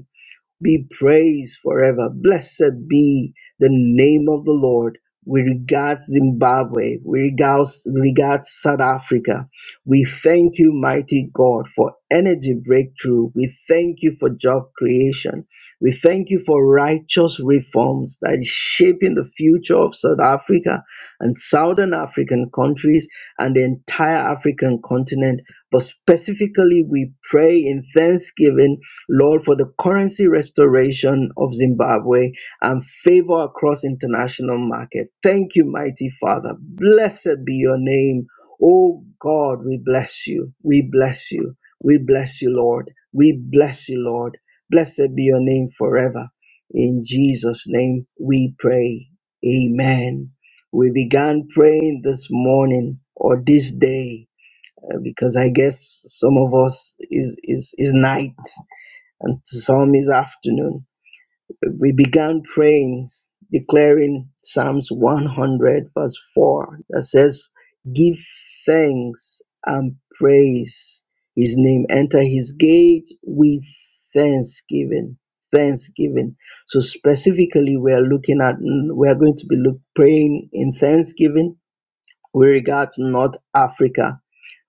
[SPEAKER 2] be praised forever. Blessed be the name of the Lord. We regard Zimbabwe. We regard, regard South Africa. We thank you, mighty God, for energy breakthrough. We thank you for job creation. We thank you for righteous reforms that is shaping the future of South Africa and Southern African countries and the entire African continent. But specifically, we pray in thanksgiving Lord, for the currency restoration of Zimbabwe and favor across international market. Thank you, mighty Father. Blessed be your name. Oh God, we bless you. We bless you. We bless you, Lord. We bless you, Lord. Blessed be your name forever. In Jesus' name we pray. Amen. We began praying this morning or this day uh, because I guess some of us is is is night and Zombies afternoon. We began praying, declaring Psalms 100, verse 4, that says, Give thanks and praise his name. Enter his gate with thanksgiving. Thanksgiving. So, specifically, we are looking at, we are going to be look, praying in thanksgiving with regard to North Africa.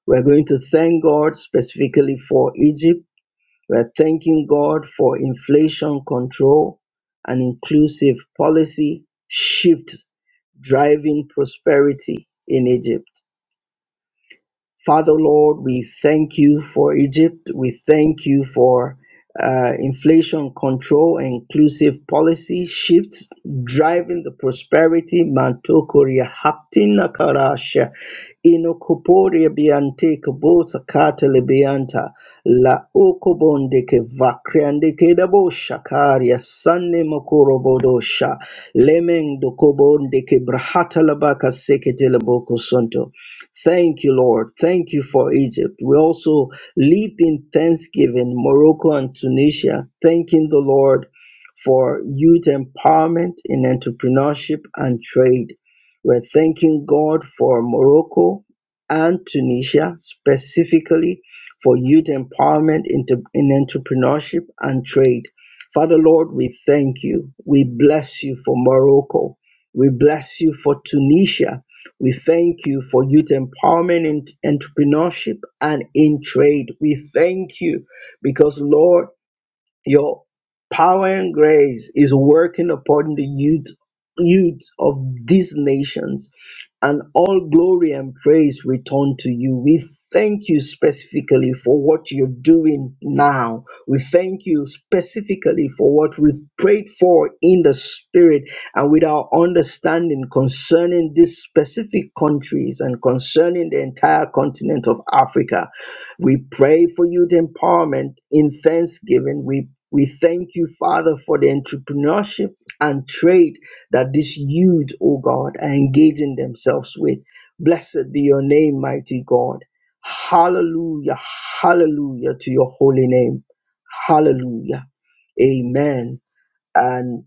[SPEAKER 2] We're going to thank God specifically for Egypt. We're thanking God for inflation control and inclusive policy shift driving prosperity in Egypt. Father Lord, we thank you for Egypt. We thank you for uh, inflation control and inclusive policy shifts driving the prosperity. Mantokoria haptina karasha inokoporia biante kobosa katele bianta la okobonde vakriandeke dabo shakaria sanne mokorobodosha lemeng dokobonde ke brahata labaka sekete Thank you, Lord. Thank you for Egypt. We also lived in thanksgiving, Morocco and Tunisia, thanking the Lord for youth empowerment in entrepreneurship and trade. We're thanking God for Morocco and Tunisia specifically for youth empowerment in, in entrepreneurship and trade. Father Lord, we thank you. We bless you for Morocco. We bless you for Tunisia. We thank you for youth empowerment in entrepreneurship and in trade. We thank you because, Lord, your power and grace is working upon the youth youth of these nations and all glory and praise return to you. We thank you specifically for what you're doing now. We thank you specifically for what we've prayed for in the spirit and with our understanding concerning these specific countries and concerning the entire continent of Africa. We pray for youth empowerment in thanksgiving. We we thank you, Father, for the entrepreneurship and trade that these youth, oh God, are engaging themselves with. Blessed be your name, mighty God. Hallelujah, hallelujah to your holy name. Hallelujah. Amen And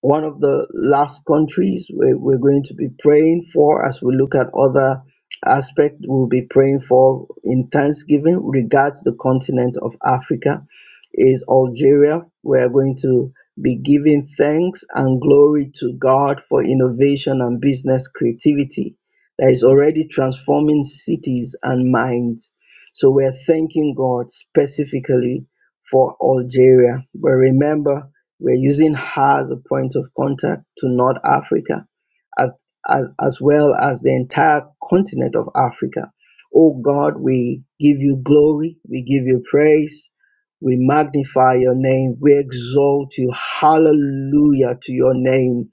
[SPEAKER 2] one of the last countries we're, we're going to be praying for as we look at other aspect we'll be praying for in thanksgiving regards the continent of africa is algeria we're going to be giving thanks and glory to god for innovation and business creativity that is already transforming cities and minds so we're thanking god specifically for algeria but remember we're using her as a point of contact to North Africa, as, as, as well as the entire continent of Africa. Oh God, we give you glory, we give you praise, we magnify your name, we exalt you. Hallelujah to your name.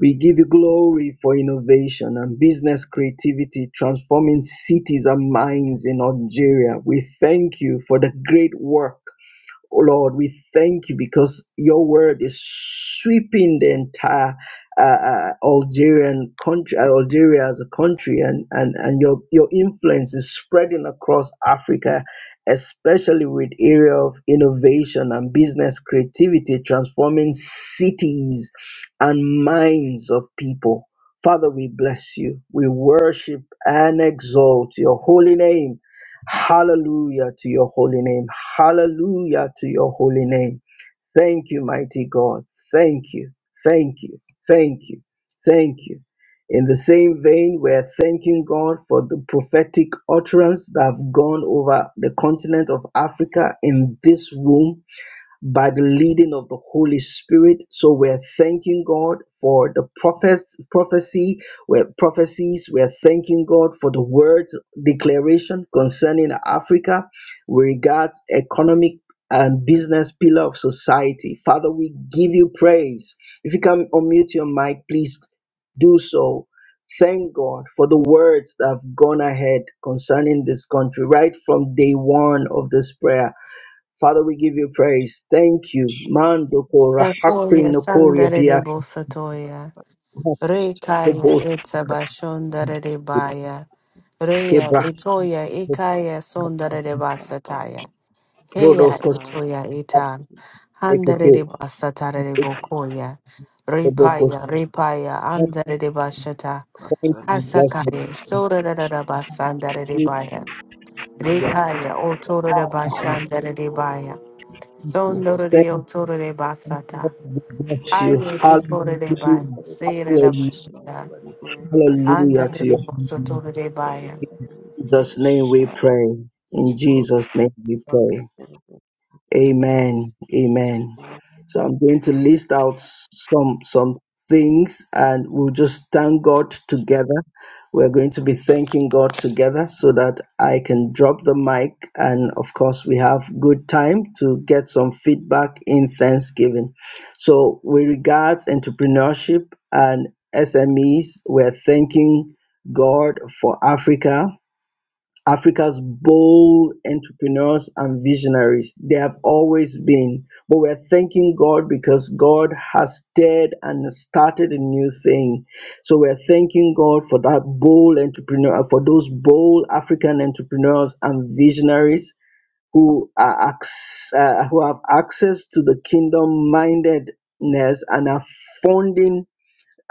[SPEAKER 2] We give you glory for innovation and business creativity, transforming cities and minds in Nigeria. We thank you for the great work Oh, Lord, we thank you because your word is sweeping the entire uh, uh, Algerian country, uh, Algeria as a country, and, and, and your, your influence is spreading across Africa, especially with area of innovation and business creativity, transforming cities and minds of people. Father, we bless you. We worship and exalt your holy name Hallelujah to your holy name. Hallelujah to your holy name. Thank you, mighty God. Thank you. Thank you. Thank you. Thank you. In the same vein, we are thanking God for the prophetic utterance that have gone over the continent of Africa in this room by the leading of the Holy Spirit. So we're thanking God for the prophets, prophecy, we're prophecies. We're thanking God for the words declaration concerning Africa with regards economic and business pillar of society. Father, we give you praise. If you can unmute your mic, please do so. Thank God for the words that have gone ahead concerning this country right from day one of this prayer. Father, we give you praise. Thank you. Mando kora hakri
[SPEAKER 1] Teforia
[SPEAKER 2] nokoria
[SPEAKER 1] sandare de
[SPEAKER 2] pia
[SPEAKER 1] Rekaya
[SPEAKER 2] kobo
[SPEAKER 1] etabashondare de baya. Reya
[SPEAKER 2] kebra
[SPEAKER 1] itoya ikaya sondare de basataya.
[SPEAKER 2] rodo
[SPEAKER 1] Heya
[SPEAKER 2] kos-
[SPEAKER 3] Father,
[SPEAKER 1] itoya ita. Handare
[SPEAKER 2] sekete.
[SPEAKER 1] de
[SPEAKER 3] back
[SPEAKER 1] basatare de bokoya.
[SPEAKER 2] Kobo
[SPEAKER 1] Ripaya,
[SPEAKER 2] kos-
[SPEAKER 3] up,
[SPEAKER 1] ripaya, andare de bashata.
[SPEAKER 3] back to
[SPEAKER 2] Thank
[SPEAKER 3] an
[SPEAKER 2] you, blessed.
[SPEAKER 3] emotional
[SPEAKER 1] Hasakaye, sora da da da baya.
[SPEAKER 2] Hallelujah.
[SPEAKER 1] Rekaya otoro de bashandere de baya.
[SPEAKER 4] But what
[SPEAKER 1] Sondoro
[SPEAKER 2] Thank
[SPEAKER 1] de
[SPEAKER 4] you
[SPEAKER 2] you.
[SPEAKER 1] otoro de
[SPEAKER 4] have done,
[SPEAKER 1] basata.
[SPEAKER 4] Lord,
[SPEAKER 2] we
[SPEAKER 4] I
[SPEAKER 2] Bless you.
[SPEAKER 1] Hayo ikoro de
[SPEAKER 4] thank
[SPEAKER 1] baya.
[SPEAKER 4] you
[SPEAKER 2] Hallelujah.
[SPEAKER 4] for the
[SPEAKER 1] Seira
[SPEAKER 4] things
[SPEAKER 1] de
[SPEAKER 4] you have
[SPEAKER 2] Hallelujah.
[SPEAKER 4] done
[SPEAKER 1] bashanda.
[SPEAKER 4] already.
[SPEAKER 3] glorifying
[SPEAKER 2] Hallelujah
[SPEAKER 1] Andare
[SPEAKER 2] to your
[SPEAKER 1] de
[SPEAKER 2] name.
[SPEAKER 1] bosotoro
[SPEAKER 4] For
[SPEAKER 1] de
[SPEAKER 4] the world
[SPEAKER 1] baya.
[SPEAKER 4] you
[SPEAKER 3] of
[SPEAKER 4] have
[SPEAKER 3] the
[SPEAKER 2] In
[SPEAKER 4] created
[SPEAKER 2] Jesus'
[SPEAKER 3] name,
[SPEAKER 2] name
[SPEAKER 3] shout
[SPEAKER 2] we pray. In
[SPEAKER 4] each one of
[SPEAKER 2] Jesus'
[SPEAKER 4] us
[SPEAKER 2] name we
[SPEAKER 4] to
[SPEAKER 2] pray.
[SPEAKER 4] do.
[SPEAKER 3] it out, of
[SPEAKER 4] Amen.
[SPEAKER 3] my
[SPEAKER 2] Amen. Amen. So I'm going to list out s- some some things and we'll just thank God together. We're going to be thanking God together so that I can drop the mic and of course we have good time to get some feedback in Thanksgiving. So with regards entrepreneurship and SMEs, we're thanking God for Africa Africa's bold entrepreneurs and visionaries. They have always been. But we're thanking God because God has stirred and started a new thing. So we're thanking God for that bold entrepreneur, for those bold African entrepreneurs and visionaries who are acc- uh, who have access to the kingdom mindedness and are funding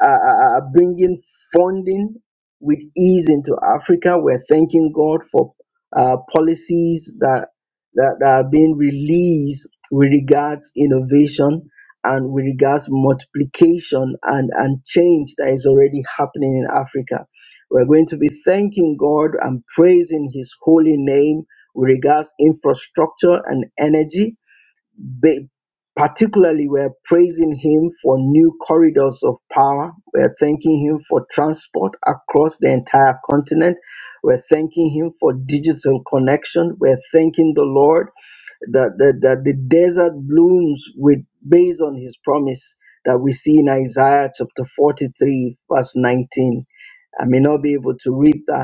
[SPEAKER 2] uh, uh, uh, uh, bringing funding with ease into Africa. We're thanking God for uh, policies that, that that are being released with regards innovation and with regards multiplication and, and change that is already happening in Africa. We're going to be thanking God and praising His holy name with regards infrastructure and energy they particularly are praising him for new corridors of power, We're thanking him for transport across the entire continent, We're thanking him for digital connection, We're thanking the Lord that, that, that the desert blooms with based on his promise that we see in Isaiah chapter 43, verse 19. I may not be able to read that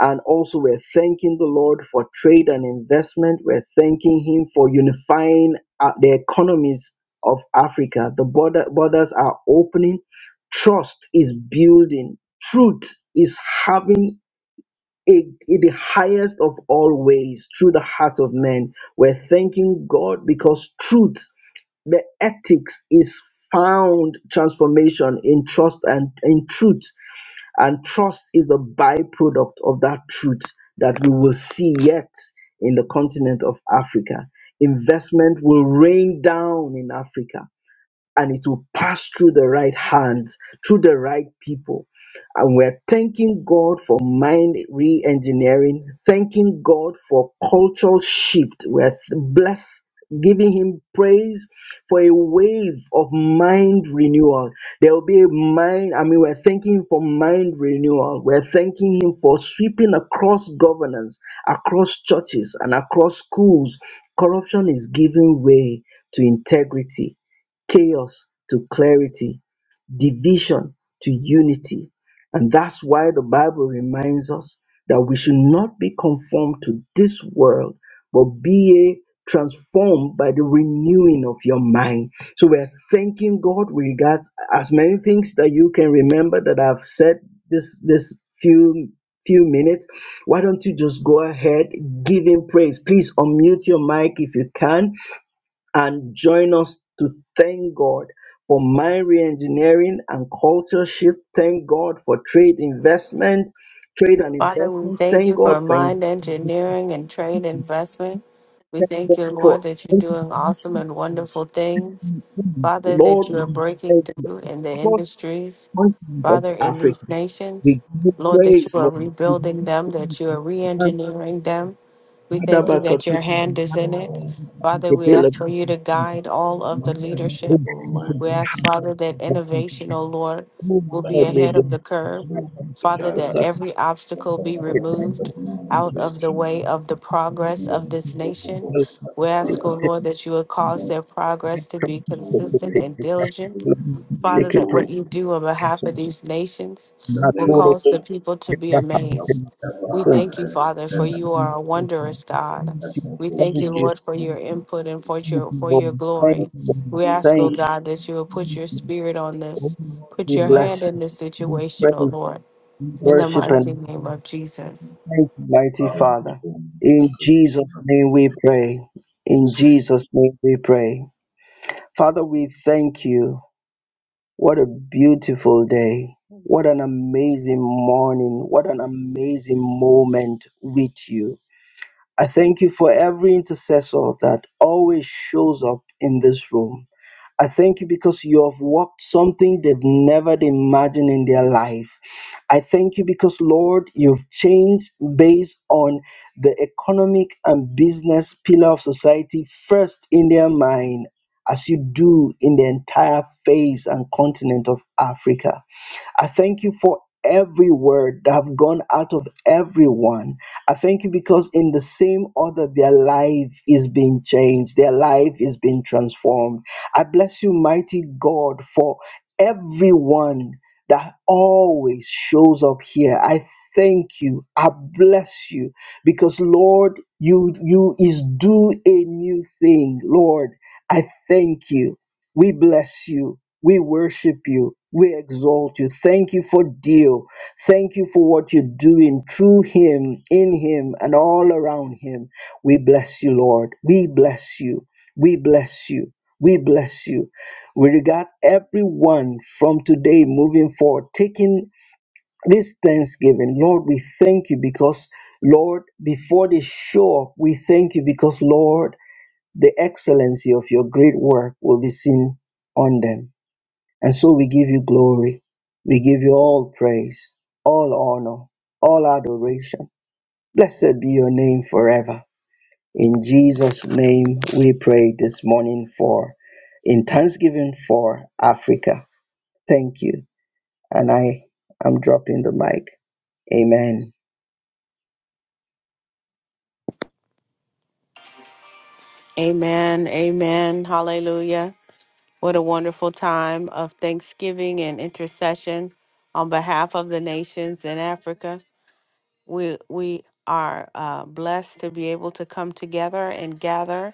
[SPEAKER 2] and also, we're thanking the Lord for trade and investment. We're thanking Him for unifying uh, the economies of Africa. The border, borders are opening. Trust is building. Truth is having a, the highest of all ways through the heart of men. We're thanking God because truth, the ethics is found transformation in trust and in truth and trust is the byproduct of that truth that we will see yet in the continent of Africa. Investment will rain down in Africa and it will pass through the right hands, through the right people. And we're thanking God for mind re engineering, thanking God for cultural shift. We're blessed. Giving him praise for a wave of mind renewal. There will be a mind, I mean, we're thanking him for mind renewal. We're thanking him for sweeping across governance, across churches, and across schools. Corruption is giving way to integrity chaos to clarity, division to unity. And that's why the Bible reminds us that we should not be conformed to this world, but be a transformed by the renewing of your mind. So we're thanking God with regards as many things that you can remember that I've said this this few few minutes. Why don't you just go ahead, give him praise. Please unmute your mic if you can and join us to thank God for mine reengineering and culture shift. Thank God for trade investment, trade and
[SPEAKER 1] Father, we
[SPEAKER 2] investment.
[SPEAKER 1] thank
[SPEAKER 2] Thank
[SPEAKER 1] you
[SPEAKER 2] God
[SPEAKER 1] for
[SPEAKER 2] for ins-
[SPEAKER 1] mind engineering and trade investment. We
[SPEAKER 2] thank
[SPEAKER 1] thank
[SPEAKER 2] God
[SPEAKER 1] you, Lord,
[SPEAKER 2] for
[SPEAKER 1] that you're doing awesome and wonderful things. Father,
[SPEAKER 2] Lord.
[SPEAKER 1] that you are
[SPEAKER 2] we
[SPEAKER 1] breaking
[SPEAKER 2] thank you.
[SPEAKER 1] through in the
[SPEAKER 2] Across
[SPEAKER 1] industries.
[SPEAKER 2] continent of
[SPEAKER 1] Father, in
[SPEAKER 2] Africa,
[SPEAKER 1] these
[SPEAKER 2] we
[SPEAKER 1] nations,
[SPEAKER 2] give you
[SPEAKER 1] Lord, that
[SPEAKER 2] praise,
[SPEAKER 1] you are
[SPEAKER 2] Lord. We give
[SPEAKER 1] rebuilding them, that you are re engineering them.
[SPEAKER 2] you
[SPEAKER 1] We thank you that your hand is in it. Father, we ask for you to guide all of the
[SPEAKER 4] Thank you
[SPEAKER 1] leadership.
[SPEAKER 4] for
[SPEAKER 1] We
[SPEAKER 4] mine.
[SPEAKER 1] ask, Father, that
[SPEAKER 2] praise.
[SPEAKER 1] innovation, O Lord,
[SPEAKER 2] Oh
[SPEAKER 1] will
[SPEAKER 4] Thank
[SPEAKER 1] be
[SPEAKER 2] Lord,
[SPEAKER 4] you
[SPEAKER 2] we
[SPEAKER 1] ahead of the
[SPEAKER 2] bless you.
[SPEAKER 1] curve.
[SPEAKER 4] for you have
[SPEAKER 2] thank
[SPEAKER 1] Father,
[SPEAKER 2] you
[SPEAKER 4] begun.
[SPEAKER 1] that every
[SPEAKER 4] Thank you
[SPEAKER 1] obstacle be
[SPEAKER 4] for the heart
[SPEAKER 1] removed
[SPEAKER 4] of man
[SPEAKER 2] Thank
[SPEAKER 4] to
[SPEAKER 1] out
[SPEAKER 2] you,
[SPEAKER 4] be
[SPEAKER 1] of the way
[SPEAKER 4] true.
[SPEAKER 1] of the progress
[SPEAKER 4] Even the
[SPEAKER 1] of this
[SPEAKER 4] Lord
[SPEAKER 1] nation.
[SPEAKER 4] of us to
[SPEAKER 1] We ask, O
[SPEAKER 4] come.
[SPEAKER 1] Lord, that you would cause
[SPEAKER 4] Lord,
[SPEAKER 1] their progress to be
[SPEAKER 2] Lord, thank you,
[SPEAKER 4] all the
[SPEAKER 1] consistent
[SPEAKER 4] beautiful,
[SPEAKER 1] and diligent.
[SPEAKER 2] Lord,
[SPEAKER 4] the great
[SPEAKER 1] Father,
[SPEAKER 2] thank you,
[SPEAKER 1] that what
[SPEAKER 4] old,
[SPEAKER 2] praise
[SPEAKER 1] you
[SPEAKER 2] you.
[SPEAKER 1] do on behalf of
[SPEAKER 2] Thank you.
[SPEAKER 1] these nations
[SPEAKER 4] the
[SPEAKER 1] will
[SPEAKER 4] name of
[SPEAKER 1] cause the
[SPEAKER 4] Jesus,
[SPEAKER 1] people to
[SPEAKER 2] Yes,
[SPEAKER 1] be
[SPEAKER 4] that
[SPEAKER 1] amazed. We
[SPEAKER 4] whatever
[SPEAKER 1] thank
[SPEAKER 4] has
[SPEAKER 1] you,
[SPEAKER 4] existed
[SPEAKER 1] Father, for
[SPEAKER 4] and
[SPEAKER 1] you are a wondrous God.
[SPEAKER 4] that
[SPEAKER 1] We
[SPEAKER 4] will
[SPEAKER 1] thank you,
[SPEAKER 4] begin.
[SPEAKER 1] Lord, for your input and
[SPEAKER 4] to
[SPEAKER 1] for your for your
[SPEAKER 4] and what
[SPEAKER 1] glory. We
[SPEAKER 4] we
[SPEAKER 1] ask, oh God, that you will put your spirit on
[SPEAKER 2] Oh
[SPEAKER 1] this,
[SPEAKER 2] Lord,
[SPEAKER 1] put
[SPEAKER 2] we
[SPEAKER 4] your
[SPEAKER 1] your
[SPEAKER 4] life
[SPEAKER 2] bless
[SPEAKER 1] hand in
[SPEAKER 2] you.
[SPEAKER 1] this
[SPEAKER 2] We
[SPEAKER 1] situation,
[SPEAKER 2] praise,
[SPEAKER 1] oh Lord
[SPEAKER 2] we
[SPEAKER 1] in the
[SPEAKER 4] was
[SPEAKER 2] worship
[SPEAKER 4] for
[SPEAKER 1] mighty
[SPEAKER 2] and
[SPEAKER 1] name of Jesus.
[SPEAKER 2] Thank you, mighty
[SPEAKER 4] our
[SPEAKER 2] Father. In Jesus' name we pray. In Jesus' name we pray. Father, we thank you. What a beautiful day. What an amazing morning. What an amazing moment with you. I thank you for every intercessor that always shows up in this room. I thank you because you have worked something they've never imagined in their life. I thank you because, Lord, you've changed based on the economic and business pillar of society first in their mind, as you do in the entire face and continent of Africa. I thank you for every word that have gone out of everyone. I thank you because in the same order their life is being changed, their life is being transformed. I bless you, mighty God, for everyone that always shows up here. I thank you. I bless you because Lord, you you is do a new thing. Lord, I thank you. We bless you. We worship you. We exalt you. Thank you for Dio. Thank you for what you're doing through him, in him, and all around him. We bless you, Lord. We bless you. We bless you. We bless you. We regard everyone from today moving forward, taking this Thanksgiving. Lord, we thank you because, Lord, before they show up, we thank you because, Lord, the excellency of your great work will be seen on them. And so we give you glory. We give you all praise, all honor, all adoration. Blessed be your name forever. In Jesus' name, we pray this morning for, in thanksgiving for Africa. Thank you. And I am dropping the mic. Amen.
[SPEAKER 1] Amen. Amen. Hallelujah. What a wonderful time of thanksgiving and intercession on behalf of the nations in Africa. We we are uh, blessed to be able to come together and gather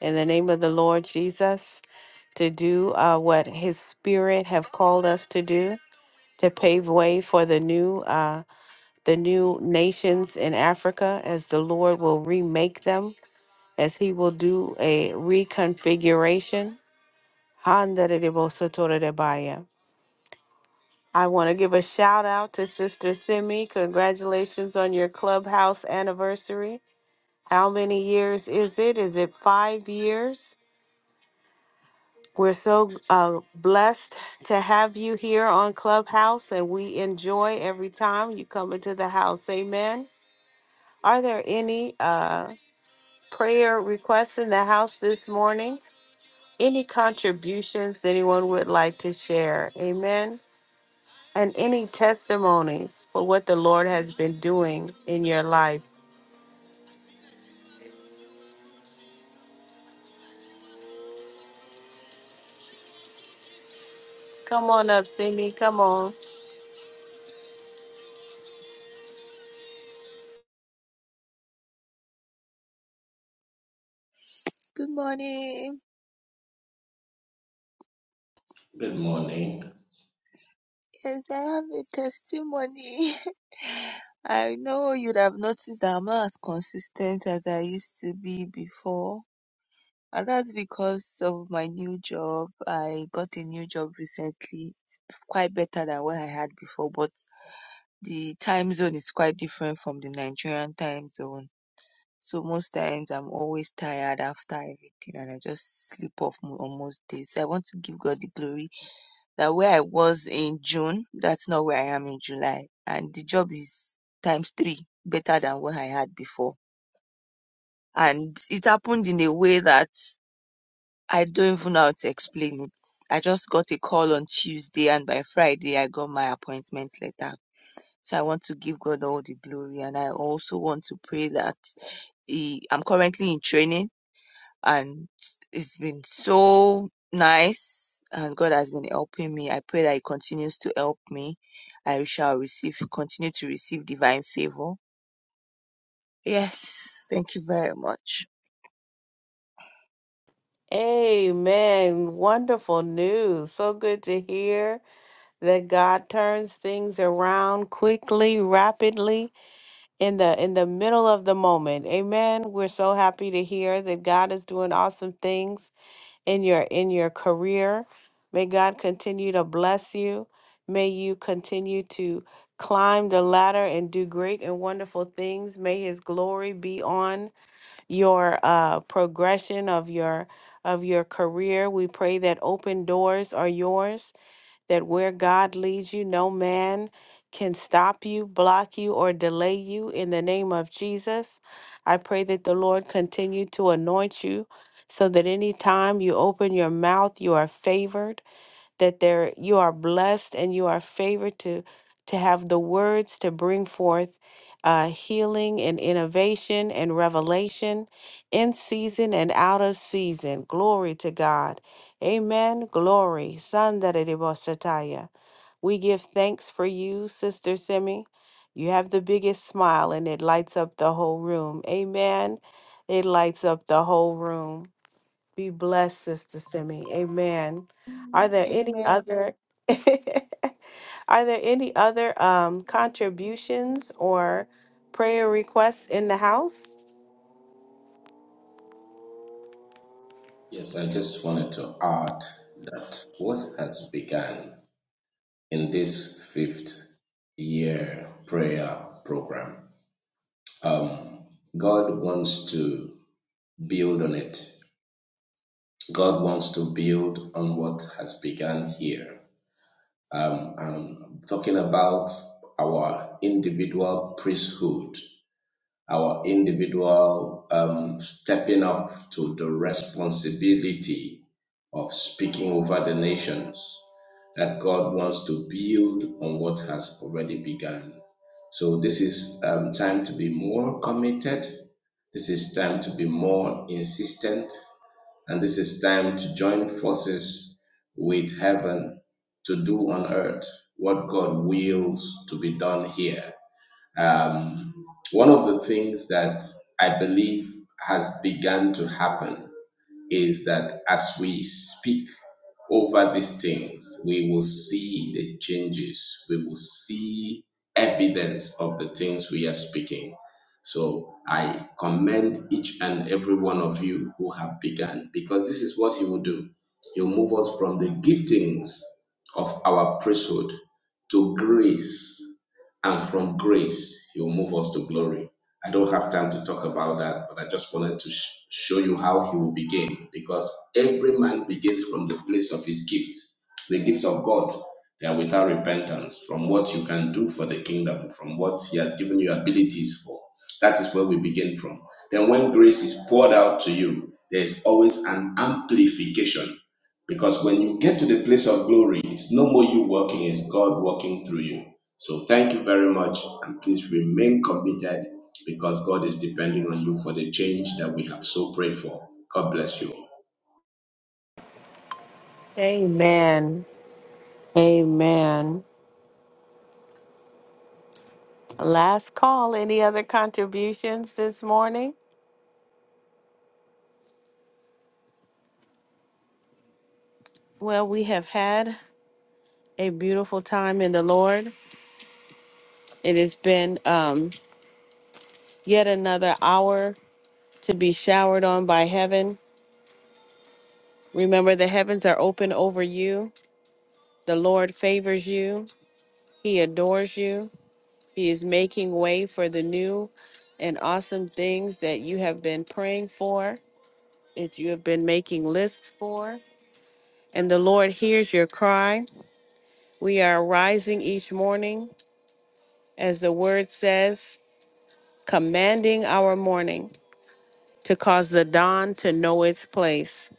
[SPEAKER 1] in the name of the Lord Jesus to do uh, what His Spirit have called us to do to pave way for the new uh, the new nations in Africa as the Lord will remake them as he will do a reconfiguration. Handaribosatorodebaya. I want to give a shout out to Sister Simi. Congratulations on your clubhouse anniversary. How many years is it? Is it five years? We're so uh, blessed to have you here on Clubhouse, and we enjoy every time you come into the house. Amen. Are there any uh, prayer requests in the house this morning? any contributions anyone would like to share. Amen. And any testimonies for what the Lord has been doing in your life. Come on up, Cindy. Come on.
[SPEAKER 5] Good morning.
[SPEAKER 4] Good morning.
[SPEAKER 5] Yes, I have a testimony. I know you'd have noticed that I'm not as consistent as I used to be before. And that's because of my new job. I got a new job recently. It's quite better than what I had before, but the time zone is quite different from the Nigerian time zone. So most times I'm always tired after everything and I just sleep off mo- on most days. So I want to give God the glory that where I was in June, that's not where I am in July. And the job is times three better than what I had before. And it happened in a way that I don't even know how to explain it. I just got a call on Tuesday, and by Friday, I got my appointment letter. So I want to give God all the glory. And I also want to pray that he, I'm currently in training and it's been so nice and god has been helping me i pray that he continues to help me i shall receive continue to receive divine favor yes thank you very much
[SPEAKER 1] Amen. Wonderful news. So good to hear that God turns things around quickly, rapidly. in the in the middle of the moment. Amen. We're so happy to hear that God is doing awesome things in your in your career. May God continue to bless you. May you continue to climb the ladder and do great and wonderful things. May his glory be on your uh, progression of your of your career. We pray that open doors are yours that where God leads you, no man can stop you, block you, or delay you in the name of Jesus. I pray that the Lord continue to anoint you so that anytime you open your mouth, you are favored that there you are blessed and you are favored to to have the words to bring forth uh, healing and innovation and revelation in season and out of season. Glory to God. Amen. Glory. Sandaridibosataya. We give thanks for you, Sister Simi. You have the biggest smile and it lights up the whole room. Amen. It lights up the whole room. Be blessed, Sister Simi. Amen. Are there any
[SPEAKER 5] amen
[SPEAKER 1] other are there any other um contributions or prayer requests in the house?
[SPEAKER 4] Yes, I just wanted to add that what has begun in this fifth year prayer program, um, God wants to build on it. God wants to build on what has begun here. Um, I'm talking about our individual priesthood, our individual um, stepping up to the responsibility of speaking over the nations that God wants to build on what has already begun. So this is um, time to be more committed. This is time to be more insistent. And this is time to join forces with heaven to do on earth what God wills to be done here. Um, one of the things that I believe has begun to happen is that as we speak over these things, we will see the changes. We will see evidence of the things we are speaking. So I commend each and every one of you who have begun because this is what He will do. He'll move us from the giftings of our priesthood to grace and from grace, He will move us to glory. I don't have time to talk about that, but I just wanted to sh- show you how He will begin because every man begins from the place of his gift, the gift of God. They are without repentance from what you can do for the kingdom, from what He has given you abilities for. That is where we begin from. Then, when grace is poured out to you, there is always an amplification because when you get to the place of glory, it's no more you working, it's God working through you. So thank you very much. And please remain committed because God is depending on you for the change that we have so prayed for. God bless you.
[SPEAKER 1] Amen. Amen. Last call. Any other contributions this morning? Well, we have had a beautiful time in the Lord. It has been um, yet another hour to be showered on by heaven. Remember, the heavens are open over you. The Lord favors you, He adores you, He is making way for the new and awesome things that you have been praying for, that you have been making lists for. And the Lord hears your cry. We are rising each morning, as the word says, commanding our morning to cause the dawn to know its place.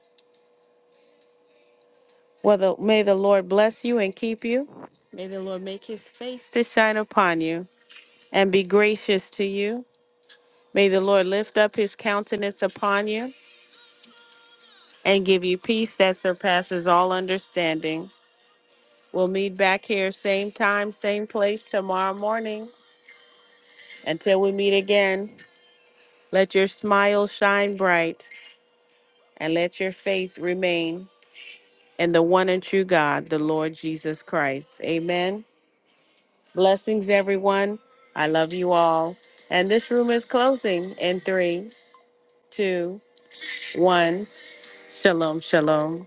[SPEAKER 1] Well, the, may the Lord bless you and keep you. May the Lord make his face to shine upon you and be gracious to you. May the Lord lift up his countenance upon you and give you peace that surpasses all understanding. We'll meet back here, same time, same place tomorrow morning. Until we meet again, let your smile shine bright and let your faith remain in the one and true God, the Lord Jesus Christ. Amen. Blessings, everyone. I love you all. And this room is closing in three, two, one. Shalom, shalom.